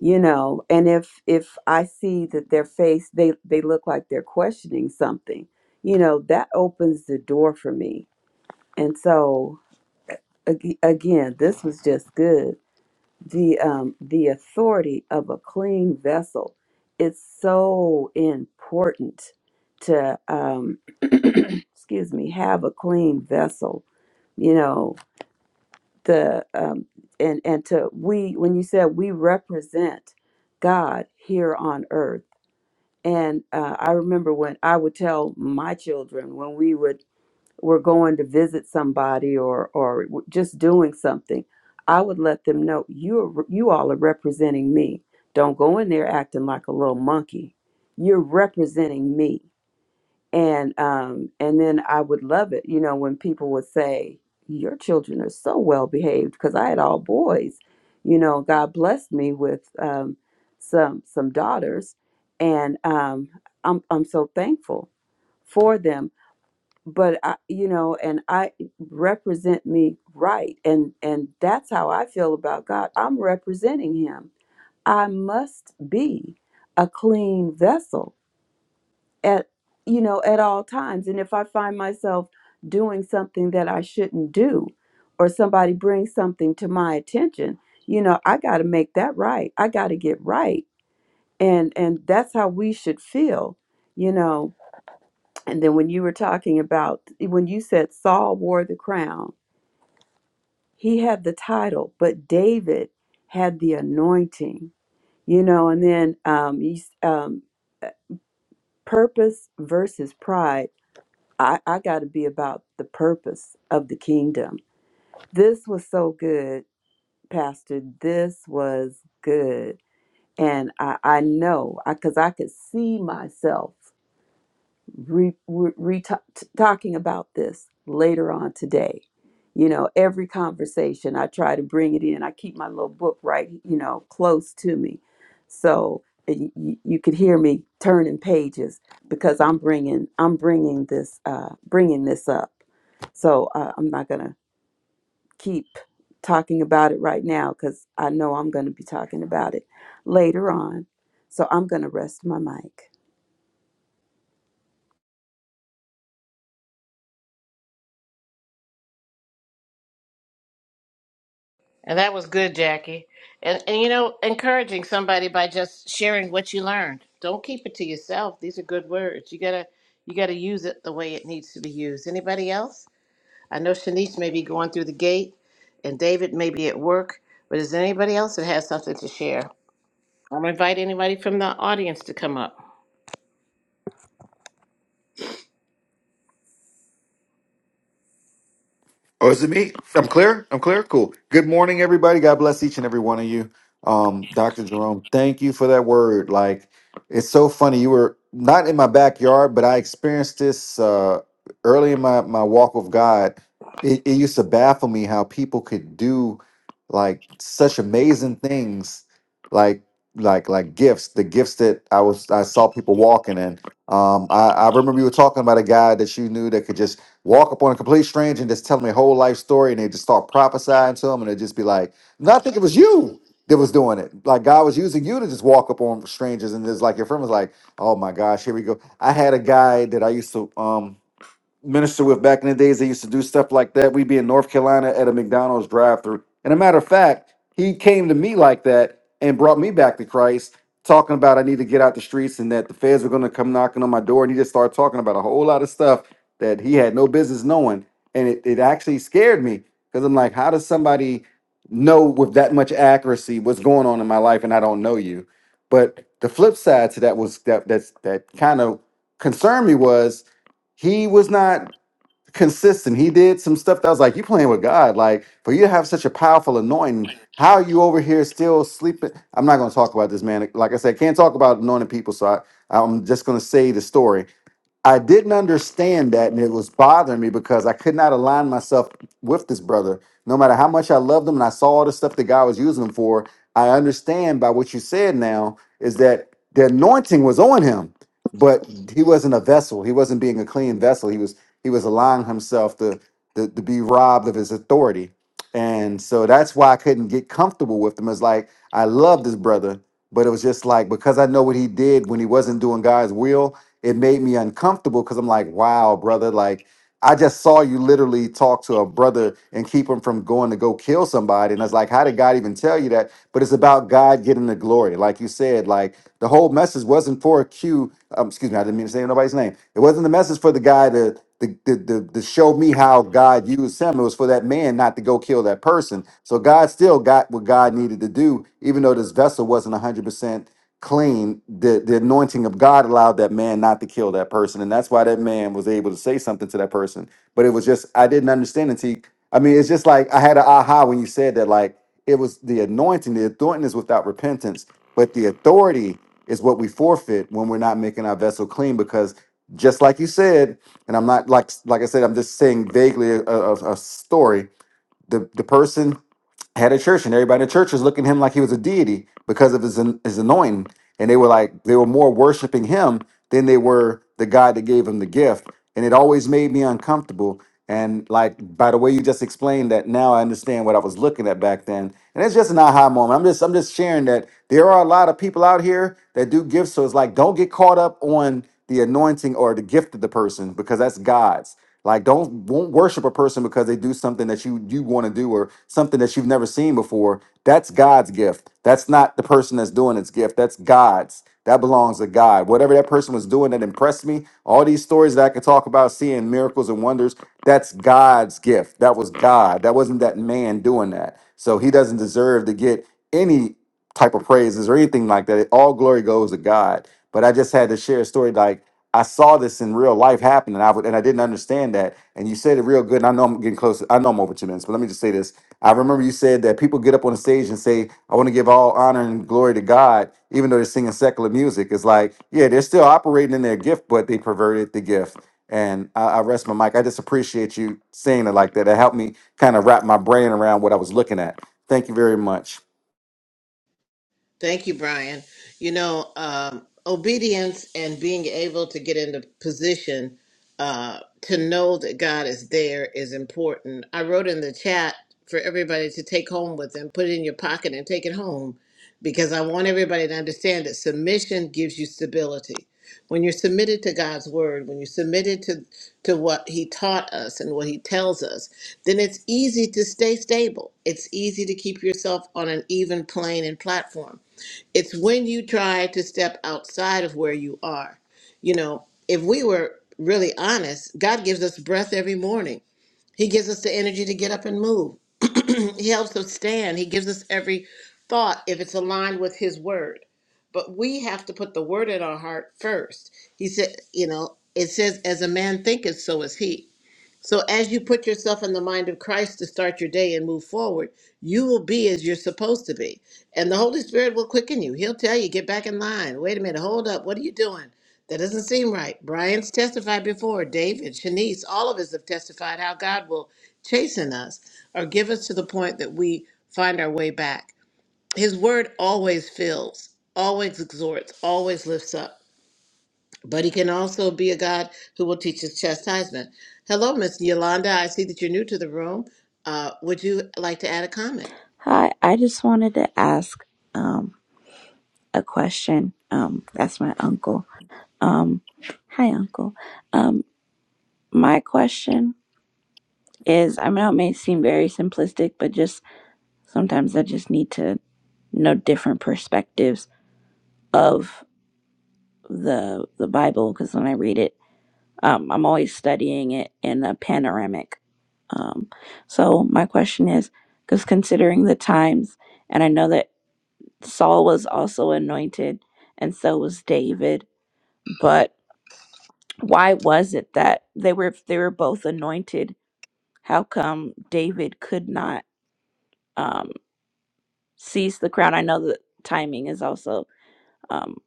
S2: you know and if if i see that their face they they look like they're questioning something you know that opens the door for me and so ag- again this was just good the um the authority of a clean vessel it's so important to um excuse me have a clean vessel you know the um and and to we when you said we represent god here on earth and uh, i remember when i would tell my children when we would we're going to visit somebody or or w- just doing something, I would let them know you are, you all are representing me. Don't go in there acting like a little monkey. You're representing me, and um and then I would love it, you know, when people would say your children are so well behaved because I had all boys, you know. God blessed me with um, some some daughters, and um, I'm I'm so thankful for them but I, you know and i represent me right and and that's how i feel about god i'm representing him i must be a clean vessel at you know at all times and if i find myself doing something that i shouldn't do or somebody brings something to my attention you know i got to make that right i got to get right and and that's how we should feel you know and then when you were talking about, when you said Saul wore the crown, he had the title, but David had the anointing, you know, and then um, you, s- um, uh, purpose versus pride. I, I got to be about the purpose of the kingdom. This was so good, Pastor. This was good. And I, I know, because I 'cause I could see myself. re, re, re- t- talking about this later on today. You know, every conversation I try to bring it in. I keep my little book right, you know, close to me, so y- y- you could hear me turning pages because I'm bringing I'm bringing this uh, bringing this up. So uh, I'm not gonna keep talking about it right now because I know I'm gonna be talking about it later on. So I'm gonna rest my mic.
S3: And that was good, Jackie. And and you know, encouraging somebody by just sharing what you learned. Don't keep it to yourself. These are good words. You gotta you gotta use it the way it needs to be used. Anybody else? I know Shanice may be going through the gate, and David may be at work. But is there anybody else that has something to share? I'm gonna invite anybody from the audience to come up.
S5: Oh, is it me? I'm clear. I'm clear. Cool. Good morning, everybody. God bless each and every one of you. Um, Dr. Jerome, thank you for that word. Like, it's so funny. You were not in my backyard, but I experienced this uh, early in my, my walk with God. It, it used to baffle me how people could do like such amazing things, like like like gifts. The gifts that I was I saw people walking in. Um, I, I remember you were talking about a guy that you knew that could just walk up on a complete stranger and just tell them their whole life story and they just start prophesying to them and they just be like, No, I think it was you that was doing it. Like God was using you to just walk up on strangers and it's like your friend was like, Oh my gosh, here we go. I had a guy that I used to um minister with back in the days. They used to do stuff like that. We'd be in North Carolina at a McDonald's drive-through. And a matter of fact, he came to me like that and brought me back to Christ, talking about I need to get out the streets and that the feds were going to come knocking on my door. And he just started talking about a whole lot of stuff that he had no business knowing. And it, it actually scared me because I'm like, how does somebody know with that much accuracy what's going on in my life and I don't know you? But the flip side to that was that that's that kind of concerned me was he was not consistent. He did some stuff that I was like, you playing with God. Like, for you to have such a powerful anointing, how are you over here still sleeping? I'm not going to talk about this, man. Like I said, can't talk about anointing people. So I, I'm just going to say the story I didn't understand that, and it was bothering me because I could not align myself with this brother. No matter how much I loved him, and I saw all the stuff that God was using him for, I understand by what you said now is that the anointing was on him, but he wasn't a vessel. He wasn't being a clean vessel. He was he was allowing himself to to, to be robbed of his authority, and so that's why I couldn't get comfortable with him. It's like I love this brother, but it was just like because I know what he did when he wasn't doing God's will it made me uncomfortable because I'm like, wow, brother, like I just saw you literally talk to a brother and keep him from going to go kill somebody. And I was like, how did God even tell you that? But it's about God getting the glory. Like you said, like the whole message wasn't for a Q. Um, excuse me, I didn't mean to say nobody's name. It wasn't the message for the guy to, to, to, to, to show me how God used him. It was for that man not to go kill that person. So God still got what God needed to do, even though this vessel wasn't 100%. Claim the, the anointing of god allowed that man not to kill that person and that's why that man was able to say something to that person but it was just i didn't understand until you- i mean it's just like i had an aha when you said that like it was the anointing the anointing is without repentance but the authority is what we forfeit when we're not making our vessel clean because just like you said and i'm not like like i said i'm just saying vaguely a, a, a story the, the person had a church, and everybody in the church was looking at him like he was a deity because of his his anointing. And they were like they were more worshiping him than they were the God that gave him the gift and it always made me uncomfortable. And like by the way you just explained that, now I understand what I was looking at back then. And it's just an aha moment. I'm just I'm just sharing that there are a lot of people out here that do gifts. So it's like don't get caught up on the anointing or the gift of the person because that's God's. Like don't won't worship a person because they do something that you you want to do or something that you've never seen before. That's God's gift. That's not the person that's doing its gift. That's God's. That belongs to God. Whatever that person was doing that impressed me, all these stories that I could talk about seeing miracles and wonders, that's God's gift. That was God. That wasn't that man doing that. So he doesn't deserve to get any type of praises or anything like that. All glory goes to God. But I just had to share a story like I saw this in real life happen and I would, and I didn't understand that. And you said it real good. And I know I'm getting close. I know I'm over two minutes, but let me just say this. I remember you said that people get up on the stage and say, I want to give all honor and glory to God, even though they're singing secular music. It's like, yeah, they're still operating in their gift, but they perverted the gift. And I, I rest my mic. I just appreciate you saying it like that. It helped me kind of wrap my brain around what I was looking at. Thank you very much.
S3: Thank you, Brian. You know, um, obedience and being able to get into position uh, to know that God is there is important. I wrote in the chat for everybody to take home with them, put it in your pocket, and take it home because I want everybody to understand that submission gives you stability. When you're submitted to God's word, when you're submitted to, to what He taught us and what He tells us, then it's easy to stay stable. It's easy to keep yourself on an even plane and platform it's when you try to step outside of where you are. You know, if we were really honest, God gives us breath every morning. He gives us the energy to get up and move. He helps us stand. He gives us every thought if it's aligned with His word. But we have to put the word in our heart first. He said, you know, it says, as a man thinketh, so is he. So, as you put yourself in the mind of Christ to start your day and move forward, you will be as you're supposed to be. And the Holy Spirit will quicken you. He'll tell you, get back in line. Wait a minute, hold up. What are you doing? That doesn't seem right. Brian's testified before, David, Shanice, all of us have testified how God will chasten us or give us to the point that we find our way back. His word always fills, always exhorts, always lifts up but he can also be a God who will teach us chastisement. Hello, Miss Yolanda. I see that you're new to the room. Uh, would you like to add a comment?
S6: Hi, I just wanted to ask um a question. Um that's my uncle. Um hi uncle. Um my question is I know it may seem very simplistic, but just sometimes I just need to know different perspectives of the the Bible because when I read it, um I'm always studying it in a panoramic. Um so my question is because considering the times and I know that Saul was also anointed, and so was David. But why was it that they were if they were both anointed? How come David could not um, seize the crown? I know that timing is also um,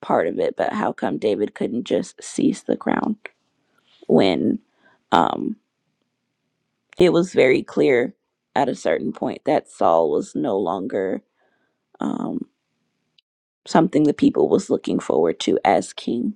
S6: part of it, but how come David couldn't just seize the crown when um, it was very clear at a certain point that Saul was no longer um, something the people was looking forward to as king?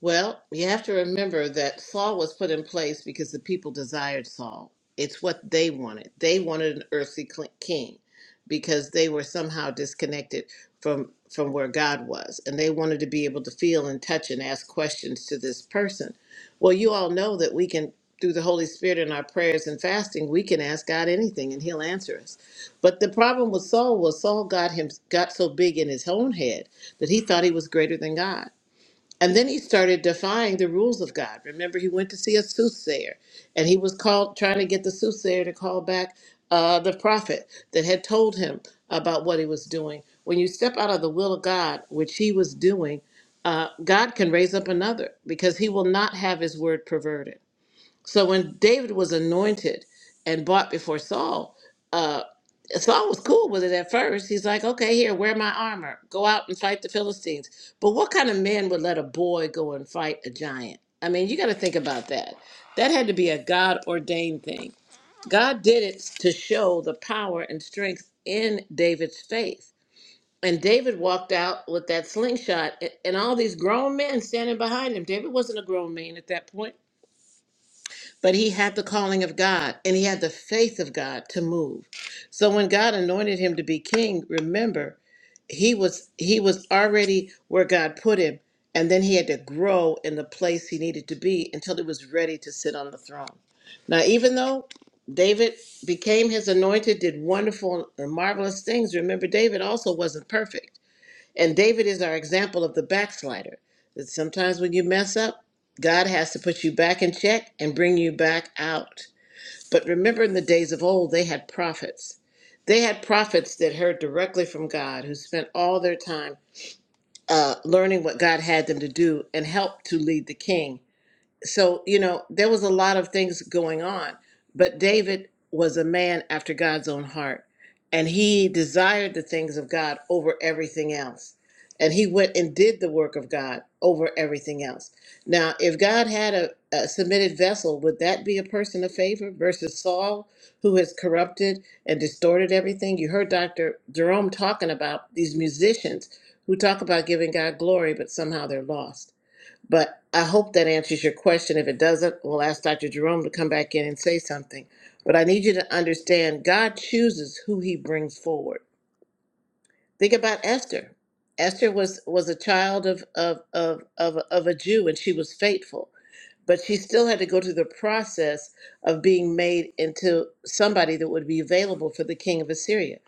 S3: Well, you have to remember that Saul was put in place because the people desired Saul. It's what they wanted. They wanted an earthly cl- king because they were somehow disconnected from from where God was and they wanted to be able to feel and touch and ask questions to this person. Well, you all know that we can through the Holy Spirit and our prayers and fasting, we can ask God anything and he'll answer us. But the problem with Saul was Saul got him got so big in his own head that he thought he was greater than God. And then he started defying the rules of God. Remember, he went to see a soothsayer, and he was called trying to get the soothsayer to call back uh, the prophet that had told him about what he was doing. When you step out of the will of God, which he was doing, uh, God can raise up another because he will not have his word perverted. So when David was anointed and brought before Saul, uh, Saul was cool with it at first. He's like, okay, here, wear my armor. Go out and fight the Philistines. But what kind of man would let a boy go and fight a giant? I mean, you got to think about that. That had to be a God ordained thing. God did it to show the power and strength in David's faith. And David walked out with that slingshot a- and all these grown men standing behind him. David wasn't a grown man at that point but he had the calling of God and he had the faith of God to move. So when God anointed him to be king, remember, he was he was already where God put him and then he had to grow in the place he needed to be until he was ready to sit on the throne. Now even though David became his anointed, did wonderful and marvelous things, remember David also wasn't perfect. And David is our example of the backslider. That sometimes when you mess up, God has to put you back in check and bring you back out. But remember, in the days of old, they had prophets. They had prophets that heard directly from God, who spent all their time uh, learning what God had them to do and helped to lead the king so you know there was a lot of things going on but david was a man after god's own heart and he desired the things of god over everything else and he went and did the work of god over everything else now if god had a, a submitted vessel would that be a person of favor versus saul who has corrupted and distorted everything you heard dr jerome talking about these musicians who talk about giving god glory but somehow they're lost but I hope that answers your question. If it doesn't, we'll ask Dr. Jerome to come back in and say something. But I need you to understand God chooses who he brings forward. Think about Esther. Esther was was a child of of of of, of a Jew and she was faithful but she still had to go through the process of being made into somebody that would be available for the king of Assyria.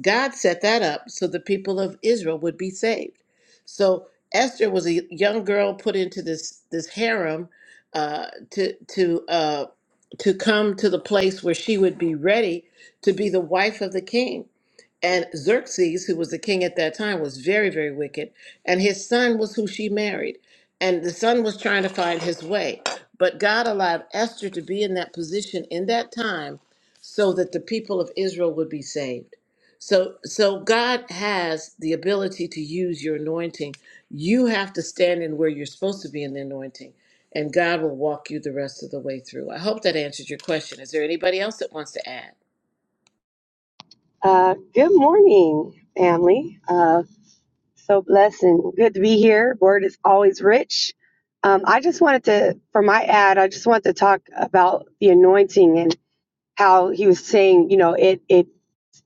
S3: God set that up so the people of Israel would be saved. So Esther was a young girl put into this this harem uh, to to uh, to come to the place where she would be ready to be the wife of the king. And Xerxes, who was the king at that time, was very, very wicked. And his son was who she married. And the son was trying to find his way. But God allowed Esther to be in that position in that time so that the people of Israel would be saved. So, so God has the ability to use your anointing. You have to stand in where you're supposed to be in the anointing, and God will walk you the rest of the way through. I hope that answered your question. Is there anybody else that wants to add?
S7: Uh, good morning, family. Uh, so blessed and good to be here. Word is always rich. Um, I just wanted to, for my ad, I just wanted to talk about the anointing how he was saying, you know, it it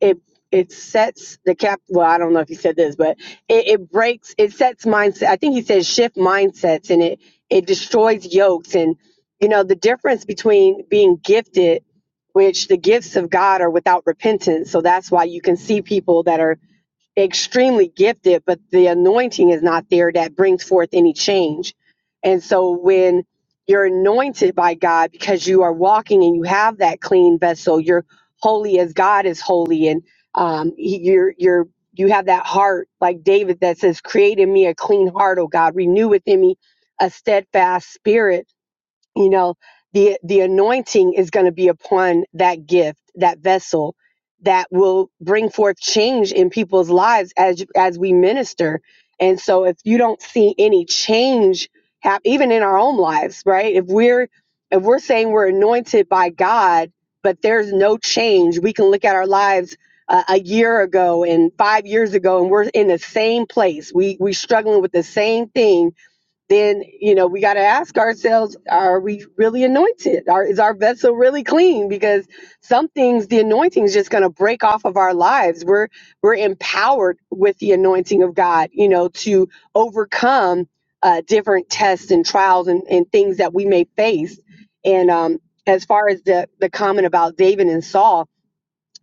S7: it it sets the cap. Well, I don't know if he said this, but it, it breaks, it sets mindset. I think he said shift mindsets, and it it destroys yokes. And you know, the difference between being gifted, which the gifts of God are without repentance. So that's why you can see people that are extremely gifted, but the anointing is not there that brings forth any change. And so when you're anointed by God because you are walking and you have that clean vessel, you're holy as God is holy, and um, he- you're you're you have that heart like David that says, "Create in me a clean heart, O God, renew within me a steadfast spirit." you know the the anointing is going to be upon that gift that vessel that will bring forth change in people's lives as as we minister and so if you don't see any change hap- even in our own lives right if we're if we're saying we're anointed by god but there's no change we can look at our lives uh, a year ago and five years ago and we're in the same place we we struggling with the same thing then you know we got to ask ourselves are we really anointed are, is our vessel really clean because some things the anointing is just going to break off of our lives we're we're empowered with the anointing of god you know to overcome uh, different tests and trials and, and things that we may face and um, as far as the the comment about david and saul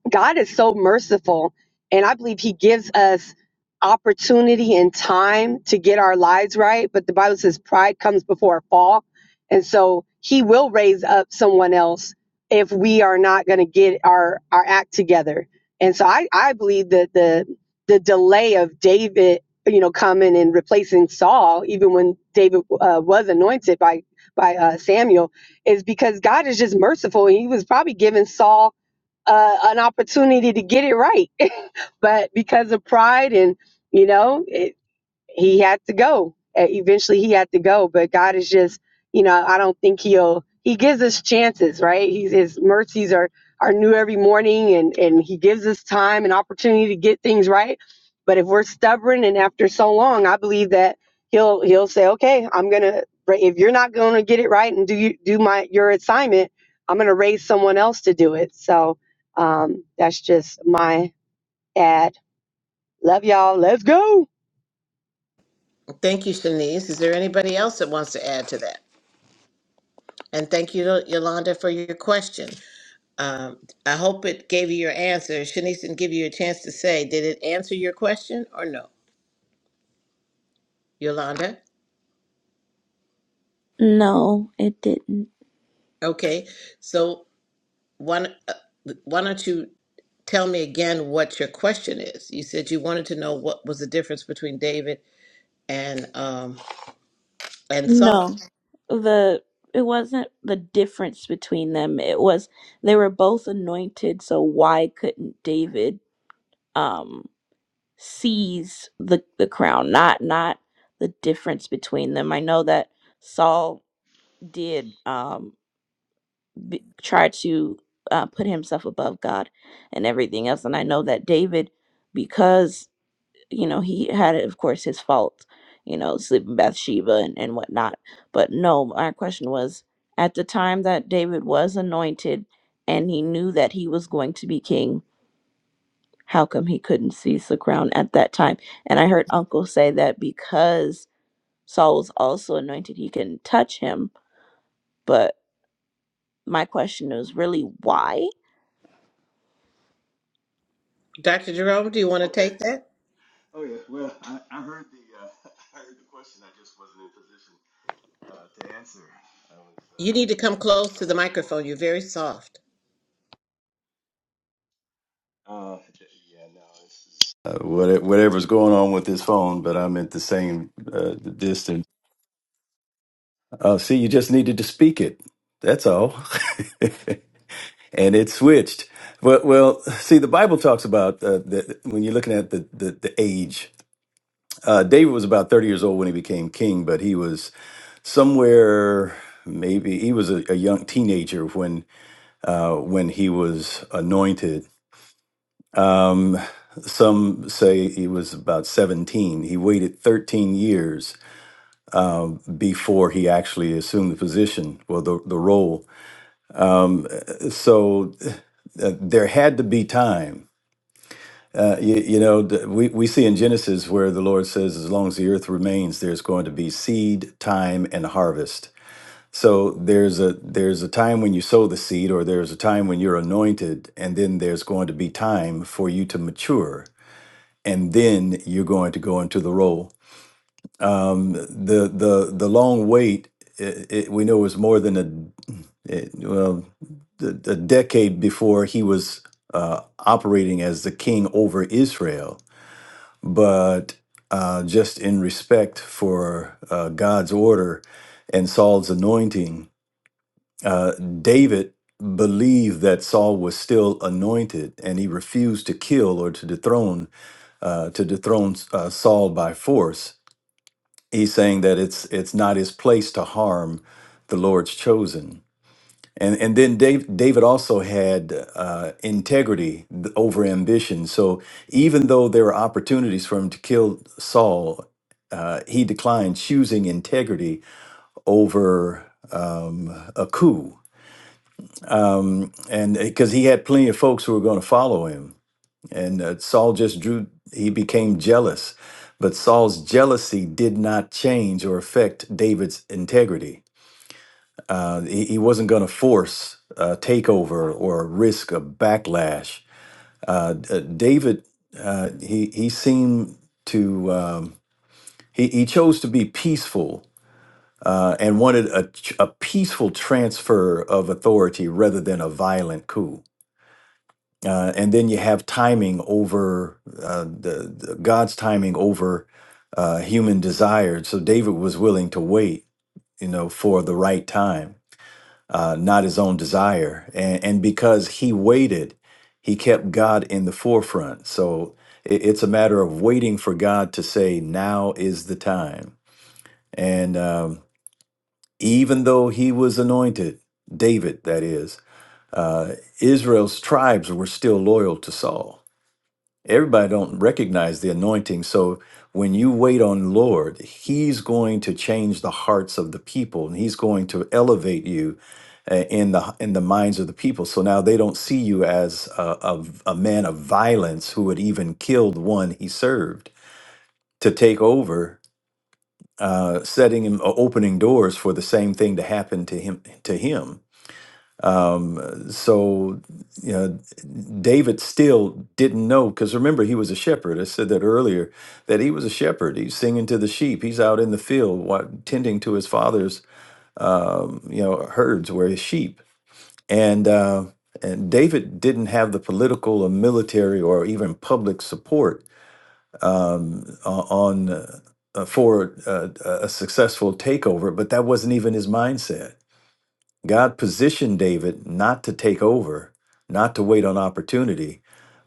S7: God is so merciful, and I believe He gives us opportunity and time to get our lives right. But the Bible says pride comes before a fall, and so He will raise up someone else if we are not going to get our our act together. And so I I believe that the the delay of David, you know, coming and replacing Saul, even when David uh, was anointed by by uh, Samuel, is because God is just merciful. He was probably giving Saul uh, an opportunity to get it right. But because of pride and, you know, it he had to go. Uh, Eventually, he had to go. But God is just, you know, I don't think he'll. He gives us chances, right? He's, his mercies are are new every morning, and and he gives us time and opportunity to get things right. But if we're stubborn, and after so long, I believe that he'll he'll say, okay, I'm gonna. If you're not gonna get it right and do you do my your assignment, I'm gonna raise someone else to do it. So um, that's just my ad. Love y'all. Let's go.
S3: Thank you, Shanice. Is there anybody else that wants to add to that? And thank you, Yolanda, for your question. Um, I hope it gave you your answer. Shanice didn't give you a chance to say, did it answer your question or no? Yolanda?
S6: No, it didn't.
S3: Okay, so one, uh, why don't you tell me again what your question is? You said you wanted to know what was the difference between David and um, and Saul.
S6: No, the it wasn't the difference between them. It was they were both anointed, so why couldn't David um seize the the crown? Not not the difference between them. I know that Saul did um b try to uh, put himself above God and everything else, and I know that David, because you know, he had, of course, his fault, you know, sleeping with Bathsheba and, and whatnot. But no, my question was at the time that David was anointed and he knew that he was going to be king, how come he couldn't seize the crown at that time? And I heard Uncle say that because Saul was also anointed, he can touch him. But my question is really why?
S3: Dr. Jerome, do you want to take that? You need to come close to the microphone. You're very soft.
S4: Uh, what, whatever's going on with this phone, but I'm at the same uh, distance. Uh, see, you just needed to speak it. That's all. and it switched. But well, see, the Bible talks about uh, the, when you're looking at the the, the age. Uh, David was about 30 years old when he became king, but he was somewhere maybe he was a, a young teenager when uh, when he was anointed. Um, some say he was about 17. He waited 13 years um, before he actually assumed the position, well, the, the role. Um, so uh, there had to be time Uh, you, you know, th- we, we see in Genesis where the Lord says, as long as the earth remains, there's going to be seed, time, and harvest. So there's a there's a time when you sow the seed, or there's a time when you're anointed, and then there's going to be time for you to mature, and then you're going to go into the role. Um, the the the long wait, it, it, we know, was more than a it, well a, a decade before he was uh, operating as the king over Israel but uh, just in respect for uh, God's order and Saul's anointing, uh, David believed that Saul was still anointed, and he refused to kill or to dethrone uh, to dethrone uh, Saul by force. He's saying that it's it's not his place to harm the Lord's chosen and and then Dave, David also had uh, integrity th- over ambition. So even though there were opportunities for him to kill Saul, uh, he declined, choosing integrity over um, a coup. Um, and because he had plenty of folks who were going to follow him, and uh, Saul just drew. He became jealous, but Saul's jealousy did not change or affect David's integrity uh, he, he wasn't going to force a takeover or risk a backlash. Uh, D- uh, David, uh, he he seemed to um, he he chose to be peaceful uh, and wanted a, ch- a peaceful transfer of authority rather than a violent coup. Uh, and then you have timing over uh, the, the God's timing over uh, human desire. So David was willing to wait, you know, for the right time uh, not his own desire. And, and because he waited, he kept God in the forefront. So it, it's a matter of waiting for God to say, now is the time. And um, even though he was anointed, David, that is, uh, Israel's tribes were still loyal to Saul everybody don't recognize the anointing so when you wait on lord he's going to change the hearts of the people and he's going to elevate you uh, in the in the minds of the people so now they don't see you as a, a, a man of violence who had even killed one he served to take over uh, setting him uh, opening doors for the same thing to happen to him to him um, so, you know, David still didn't know because remember, he was a shepherd. I said that earlier that he was a shepherd. He's singing to the sheep, he's out in the field wa- tending to his father's, um, you know, herds where his sheep. And, uh, and David didn't have the political or military or even public support um, o- on uh, uh, for uh, a a successful takeover, but that wasn't even his mindset God positioned David not to take over, not to wait on opportunity,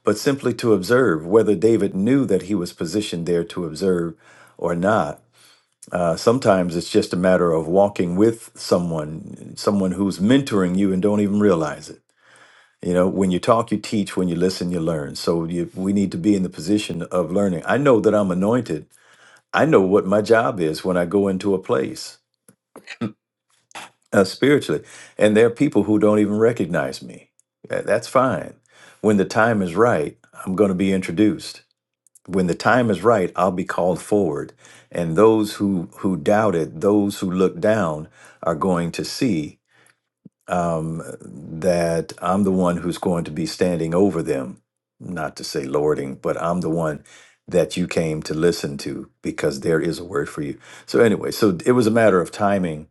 S4: but simply to observe whether David knew that he was positioned there to observe or not. Uh, sometimes it's just a matter of walking with someone, someone who's mentoring you and don't even realize it. You know, when you talk, you teach. When you listen, you learn. So you, we need to be in the position of learning. I know that I'm anointed. I know what my job is when I go into a place. uh, spiritually. And there are people who don't even recognize me. Tha- That's fine. When the time is right, I'm going to be introduced. When the time is right, I'll be called forward. And those who, who doubted, those who looked down, are going to see um, that I'm the one who's going to be standing over them. Not to say lording, but I'm the one that you came to listen to because there is a word for you. So, anyway, so it was a matter of timing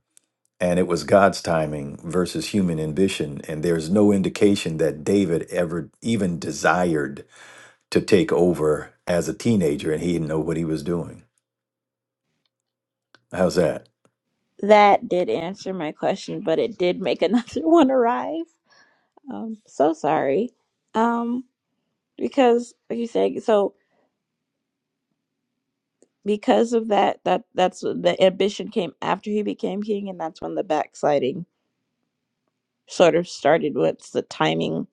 S4: and it was God's timing versus human ambition. And there's no indication that David ever even desired to take over as a teenager, and he didn't know what he was doing. How's that?
S6: That did answer my question, but it did make another one arrive. Um, so sorry. Um, because like you said, so because of that, that that's the ambition came after he became king, and that's when the backsliding sort of started. What's the timing?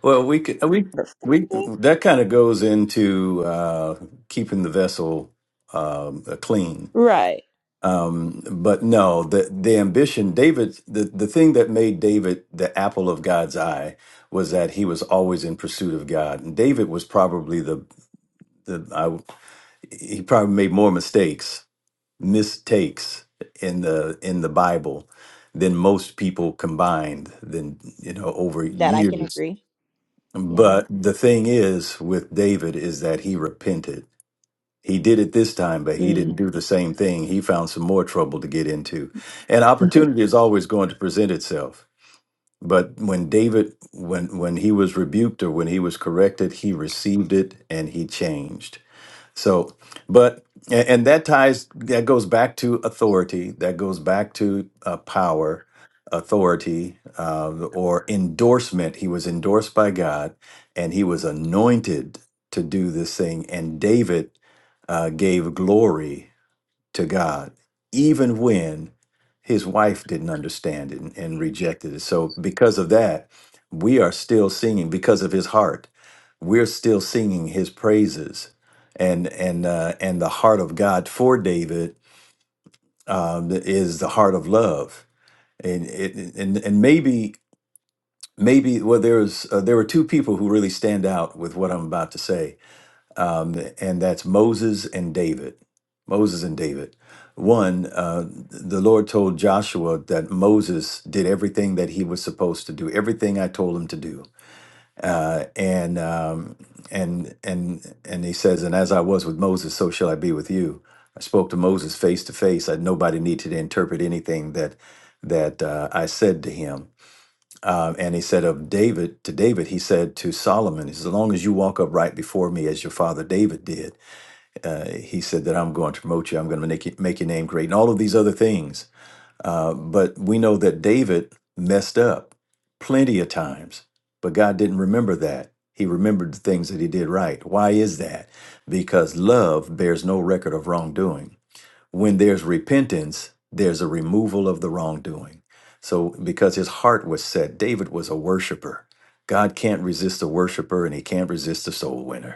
S4: Well, we could we
S6: Perfect.
S4: we that kind of goes into uh, keeping the vessel um, clean.
S6: Right.
S4: Um, but no, the the ambition, David, the the thing that made David the apple of God's eye was that he was always in pursuit of God, and David was probably the the he probably made more mistakes, mistakes in the in the Bible than most people combined than you know over
S6: That I can
S4: years.
S6: agree. Yeah.
S4: But the thing is with David is that he repented. He did it this time, but he
S6: Mm.
S4: didn't do the same thing. He found some more trouble to get into. And opportunity is always going to present itself. But when David when when he was rebuked or when he was corrected, he received it and he changed so, but and, and that ties that goes back to authority. That goes back to uh, power, authority, uh, or endorsement. He was endorsed by God, and he was anointed to do this thing. And David uh, gave glory to God, even when his wife didn't understand it and, and rejected it. So, because of that, we are still singing because of his heart. We're still singing his praises, and and uh, and the heart of God for David um, is the heart of love, and it, and and maybe maybe well, there's uh, there were two people who really stand out with what I'm about to say um, and that's Moses and David. Moses and David. One, uh, the Lord told Joshua that Moses did everything that he was supposed to do, everything I told him to do. Uh, and um, and and and he says, and as I was with Moses, so shall I be with you. I spoke to Moses face to face. I nobody needed to interpret anything that that uh, I said to him. Um, and he said of David to David, he said to Solomon, he says, as long as you walk upright before me as your father David did uh, he said that I'm going to promote you. I'm going to make you, make your name great, and all of these other things. Uh, but we know that David messed up plenty of times, but God didn't remember that. He remembered the things that he did right. Why is that? Because love bears no record of wrongdoing. When there's repentance, there's a removal of the wrongdoing. So, because his heart was set, David was a worshiper. God can't resist a worshiper, and he can't resist a soul winner.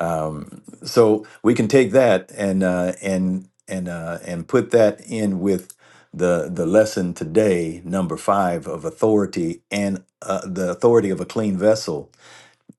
S4: Um, so we can take that and uh, and and uh, and put that in with the the lesson today, number five of authority and uh, the authority of a clean vessel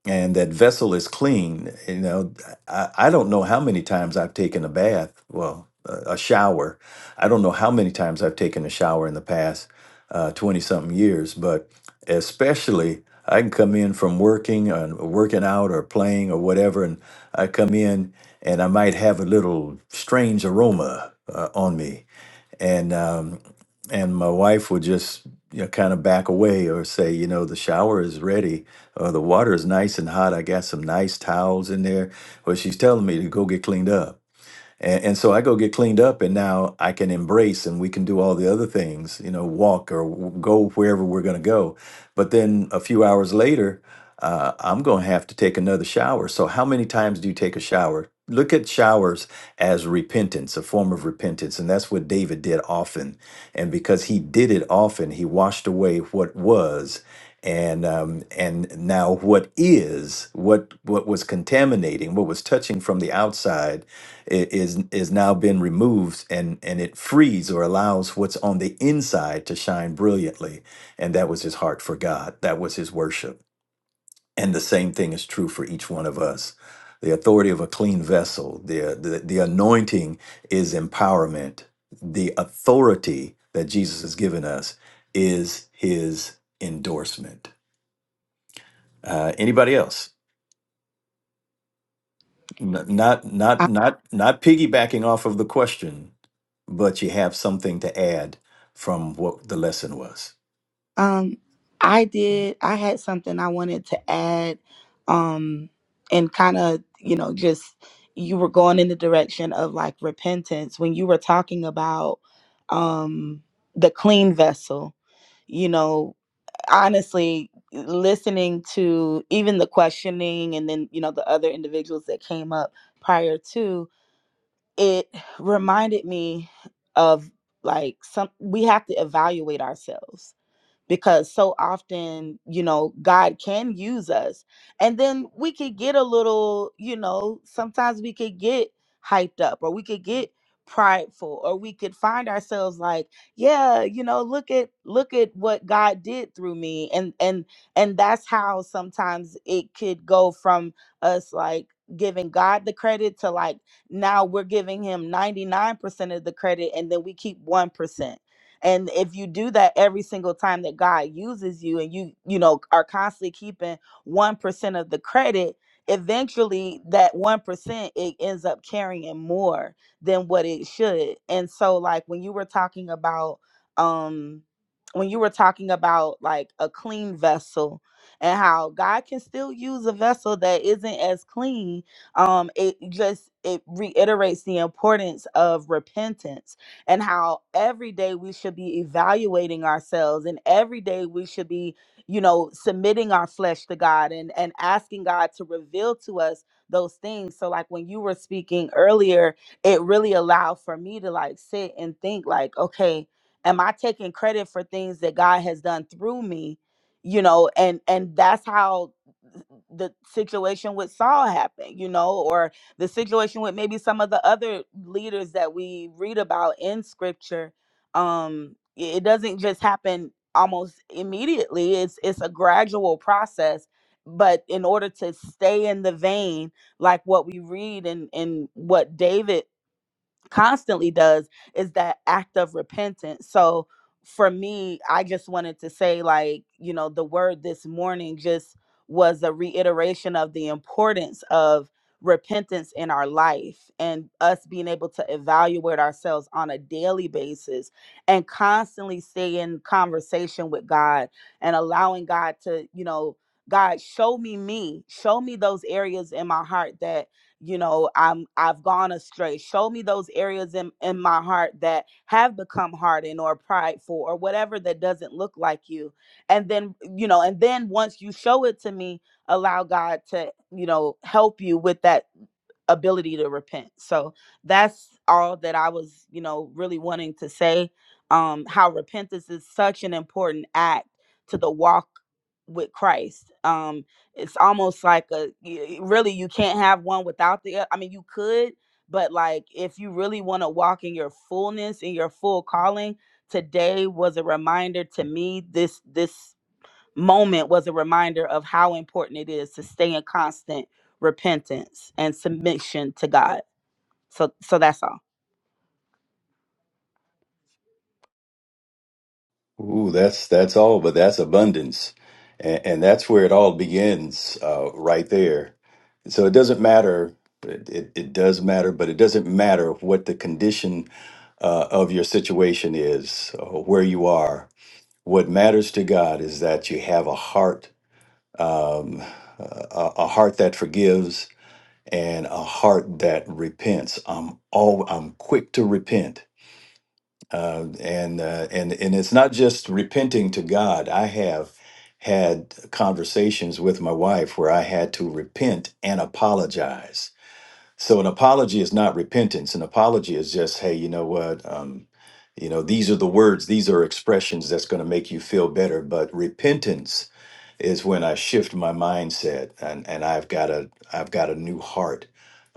S4: and that vessel is clean. You know, I, I don't know how many times I've taken a bath, well, a, a shower. I don't know how many times I've taken a shower in the past uh, 20 something years, but especially I can come in from working and working out or playing or whatever, and I come in and I might have a little strange aroma uh, on me and um, and my wife would just you know kind of back away or say, you know, the shower is ready or the water is nice and hot. I got some nice towels in there. Well, she's telling me to go get cleaned up. And, and so I go get cleaned up, and now I can embrace, and we can do all the other things, you know, walk or w- go wherever we're going to go. But then a few hours later, uh, I'm going to have to take another shower. So, how many times do you take a shower? Look at showers as repentance, a form of repentance. And that's what David did often. And because he did it often, he washed away what was. And um, and now what is what what was contaminating, what was touching from the outside i- is is now been removed and and it frees or allows what's on the inside to shine brilliantly and that was his heart for God that was his worship and the same thing is true for each one of us the authority of a clean vessel the the, the anointing is empowerment the authority that Jesus has given us is his endorsement uh anybody else N- not not
S8: I,
S4: not not piggybacking off of the question, but you have something to add from what the lesson was.
S8: um, I did. I had something I wanted to add, um, and kind of, you know, just you were going in the direction of like repentance when you were talking about um, the clean vessel. You know, honestly, listening to even the questioning and then you know the other individuals that came up prior to it reminded me of like some we have to evaluate ourselves because so often, you know, God can use us. And then we could get a little, you know, sometimes we could get hyped up or we could get prideful or we could find ourselves like, yeah, you know, look at look at what God did through me. And and and that's how sometimes it could go from us like giving God the credit to like now we're giving him 99% of the credit and then we keep 1% and if you do that every single time that god uses you and you you know are constantly keeping 1% of the credit eventually that 1% it ends up carrying more than what it should and so like when you were talking about um when you were talking about like a clean vessel and how god can still use a vessel that isn't as clean um it just it reiterates the importance of repentance and how every day we should be evaluating ourselves and every day we should be you know submitting our flesh to god and and asking god to reveal to us those things so like when you were speaking earlier it really allowed for me to like sit and think like okay am i taking credit for things that god has done through me you know and and that's how the situation with saul happened you know or the situation with maybe some of the other leaders that we read about in scripture um it doesn't just happen almost immediately it's it's a gradual process but in order to stay in the vein like what we read and and what david constantly does is that act of repentance. So for me, I just wanted to say, like, you know, the word this morning just was a reiteration of the importance of repentance in our life and us being able to evaluate ourselves on a daily basis and constantly stay in conversation with God and allowing God to, you know, God, show me me, show me those areas in my heart that you know i'm i've gone astray show me those areas in in my heart that have become hardened or prideful or whatever that doesn't look like you and then you know and then once you show it to me allow god to you know help you with that ability to repent so that's all that i was you know really wanting to say um how repentance is such an important act to the walk with christ Um it's almost like a y- really you can't have one without the oth- i mean you could but like if you really want to walk in your fullness and your full calling today was a reminder to me this this moment was a reminder of how important it is to stay in constant repentance and submission to god so so that's all
S4: Ooh, that's that's all, but that's abundance, and, and that's where it all begins, uh, right there. So it doesn't matter. It, it, it does matter, but it doesn't matter what the condition uh, of your situation is, or where you are. What matters to God is that you have a heart, um, a, a a heart that forgives, and a heart that repents. I'm all I'm quick to repent, uh, and uh, and and it's not just repenting to God. I have had conversations with my wife where I had to repent and apologize. So an apology is not repentance. An apology is just, hey, you know what? Um, you know, these are the words, these are expressions that's going to make you feel better. But repentance is when I shift my mindset and, and I've got a I've got a new heart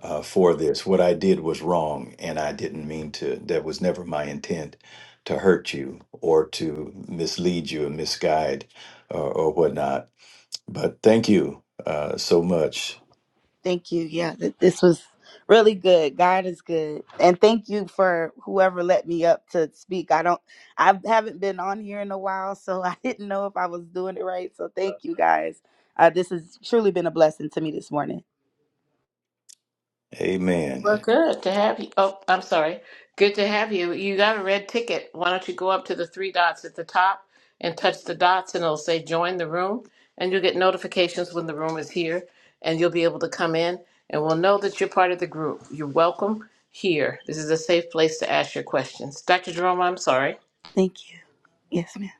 S4: uh, for this. What I did was wrong and I didn't mean to that was never my intent to hurt you or to mislead you and misguide or, or whatnot. But thank you uh, so much.
S8: Thank you. Yeah, th- this was really good. God is good, and thank you for whoever let me up to speak. I don't, I haven't been on here in a while, so I didn't know if I was doing it right. So thank you guys. Uh, this has truly been a blessing to me this morning.
S3: Well,
S4: Amen.
S3: good to have you. Oh, I'm sorry. Good to have you. You got a red ticket. Why don't you go up to the three dots at the top and touch the dots, and it'll say join the room, and you'll get notifications when the room is here, and you'll be able to come in, and we'll know that you're part of the group. You're welcome here. This is a safe place to ask your questions. Dr. Jerome, I'm sorry.
S8: Thank you. Yes, ma'am.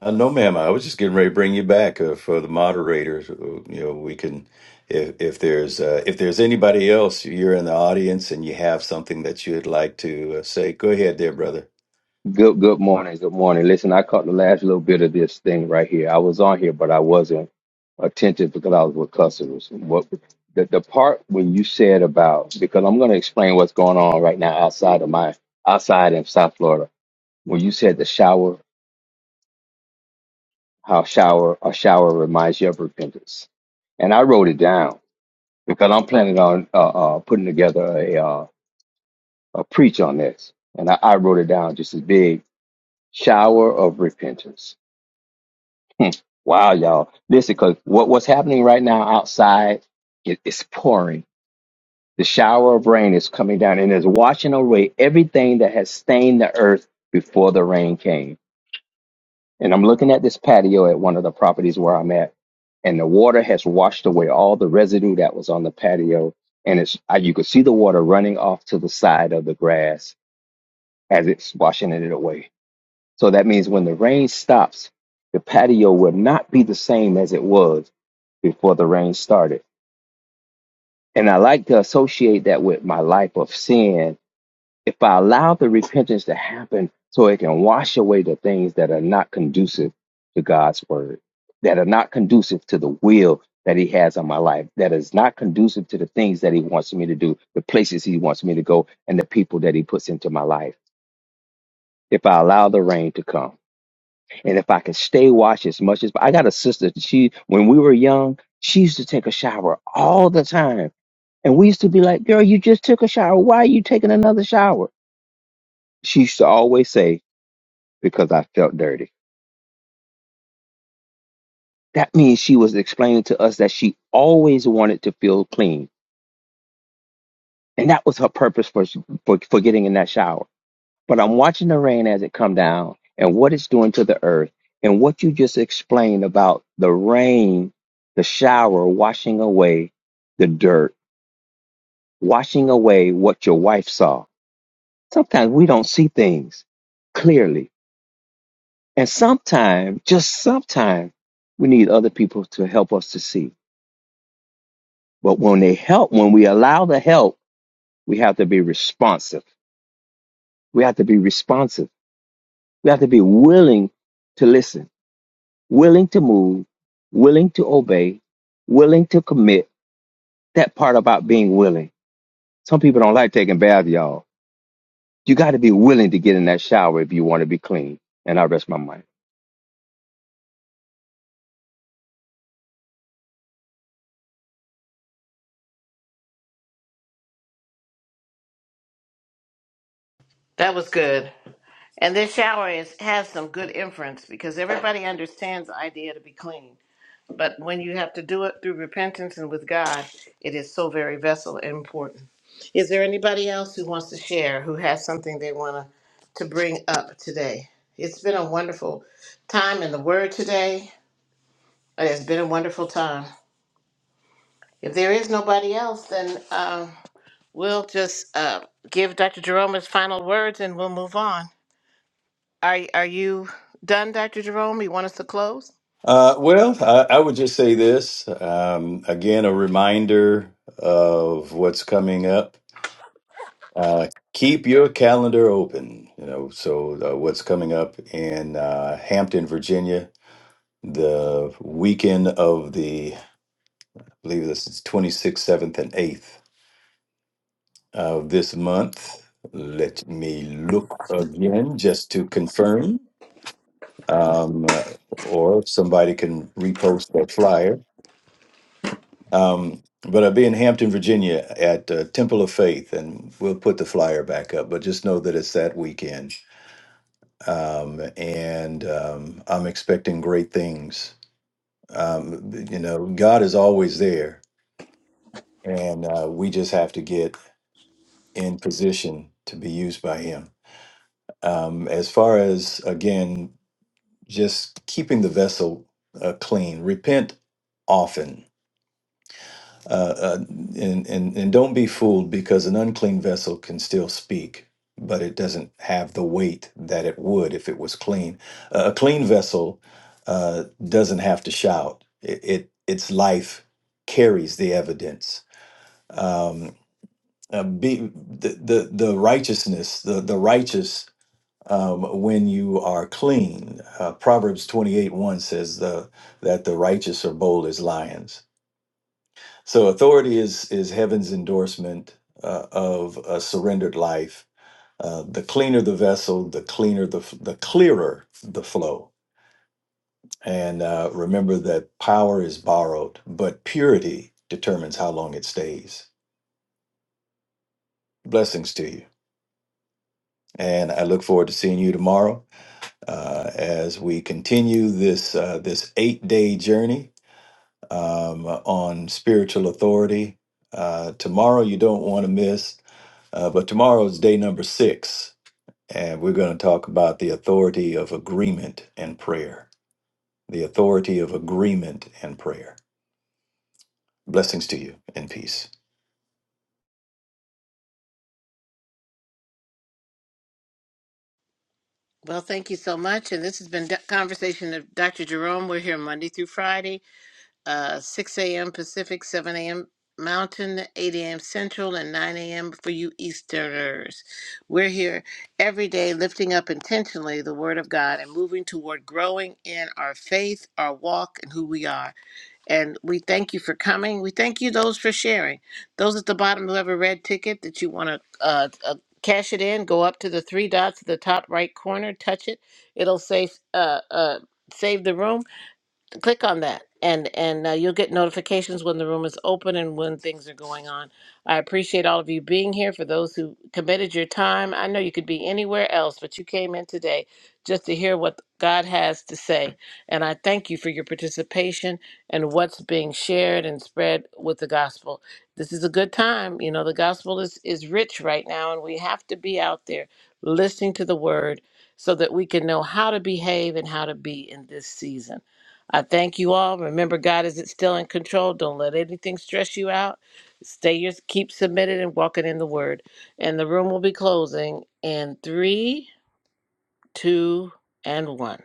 S4: Uh, no, ma'am. I was just getting ready to bring you back uh, for the moderators. Uh, You know, we can, if if there's uh, if there's anybody else, you're in the audience and you have something that you'd like to uh, say. Go ahead, there, brother.
S9: Good good morning. Good morning. Listen, I caught the last little bit of this thing right here. I was on here, but I wasn't attentive because I was with customers. What the, the part when you said about because I'm gonna explain what's going on right now outside of my outside in South Florida. When you said the shower, how shower a shower reminds you of repentance. And I wrote it down because I'm planning on uh, uh, putting together a uh, a preach on this. And I, I wrote it down just as big shower of repentance Hmm. Wow, y'all. Listen, because what, what's happening right now outside it, it's pouring. The shower of rain is coming down and is washing away everything that has stained the earth before the rain came. And I'm looking at this patio at one of the properties where I'm at, and the water has washed away all the residue that was on the patio. And it's I- you could see the water running off to the side of the grass as it's washing it away. So that means when the rain stops, the patio will not be the same as it was before the rain started. And I like to associate that with my life of sin. If I allow the repentance to happen so it can wash away the things that are not conducive to God's word, that are not conducive to the will that He has on my life, that is not conducive to the things that He wants me to do, the places He wants me to go, and the people that He puts into my life. If I allow the rain to come. And if I can stay watch as much as I got a sister, she when we were young, she used to take a shower all the time. And we used to be like, Girl, you just took a shower. Why are you taking another shower? She used to always say, Because I felt dirty. That means she was explaining to us that she always wanted to feel clean. And that was her purpose for for, for getting in that shower but I'm watching the rain as it come down and what it's doing to the earth and what you just explained about the rain, the shower washing away the dirt, washing away what your wife saw. Sometimes we don't see things clearly. And sometimes, just sometimes, we need other people to help us to see. But when they help, when we allow the help, we have to be responsive. We have to be responsive. We have to be willing to listen willing to move, willing to obey, willing to commit. That part about being willing. Some people don't like taking baths, y'all. You got to be willing to get in that shower if you want to be clean. And I rest my mind.
S3: That was good. And this shower is has some good inference because everybody understands the idea to be clean. But when you have to do it through repentance and with God, it is so very vessel important. Is there anybody else who wants to share who has something they want to, to bring up today? It's been a wonderful time in the Word today. It has been a wonderful time. If there is nobody else, then uh, we'll just uh, give Dr. Jerome his final words and we'll move on. Are are you done, Dr. Jerome? You want us to close?
S4: Uh, well, I, I would just say this um, again: a reminder of what's coming up. Uh, keep your calendar open. You know, so uh, what's coming up in uh, Hampton, Virginia, the weekend of the believe this is 26th, 7th, and 8th of this month. Let me look again just to confirm, um, uh, or if somebody can repost that flyer. Um, but I'll be in Hampton, Virginia at uh, Temple of Faith, and we'll put the flyer back up. But just know that it's that weekend. Um, and um, I'm expecting great things. Um, you know, God is always there, and uh, we just have to get in position to be used by him. Um, as far as, again, just keeping the vessel uh, clean, repent often. Uh, uh, and, and, and don't be fooled because an unclean vessel can still speak, but it doesn't have the weight that it would if it was clean. Uh, a clean vessel uh, doesn't have to shout, it, it, its life carries the evidence. Um, uh, be the, the the righteousness the the righteous um, when you are clean. Uh, Proverbs 28 1 says the, that the righteous are bold as lions. So authority is, is heaven's endorsement uh, of a surrendered life. Uh, the cleaner the vessel, the cleaner the, f- the clearer the flow. And uh, remember that power is borrowed, but purity determines how long it stays. Blessings to you. And I look forward to seeing you tomorrow uh, as we continue this uh, this eight day journey um, on spiritual authority. Uh, tomorrow you don't want to miss, uh, but tomorrow is day number six, and we're going to talk about the authority of agreement and prayer. The authority of agreement and prayer. Blessings to you and peace.
S3: Well, thank you so much. And this has been D- Conversation of Dr. Jerome. We're here Monday through Friday, uh, 6 a.m. Pacific, 7 a.m. Mountain, 8 a.m. Central, and 9 a.m. for you Easterners. We're here every day lifting up intentionally the Word of God and moving toward growing in our faith, our walk, and who we are. And we thank you for coming. We thank you those for sharing. Those at the bottom who have a red ticket that you want to uh, uh, cash it in, go up to the three dots at the top right corner, touch it. It'll say uh, uh, save the room click on that and and uh, you'll get notifications when the room is open and when things are going on i appreciate all of you being here for those who committed your time i know you could be anywhere else but you came in today just to hear what god has to say and i thank you for your participation and what's being shared and spread with the gospel this is a good time you know the gospel is is rich right now and we have to be out there listening to the word so that we can know how to behave and how to be in this season I thank you all. Remember, God is still in control. Don't let anything stress you out. Stay your keep submitted and walking in the word. And the room will be closing in three, two, and one.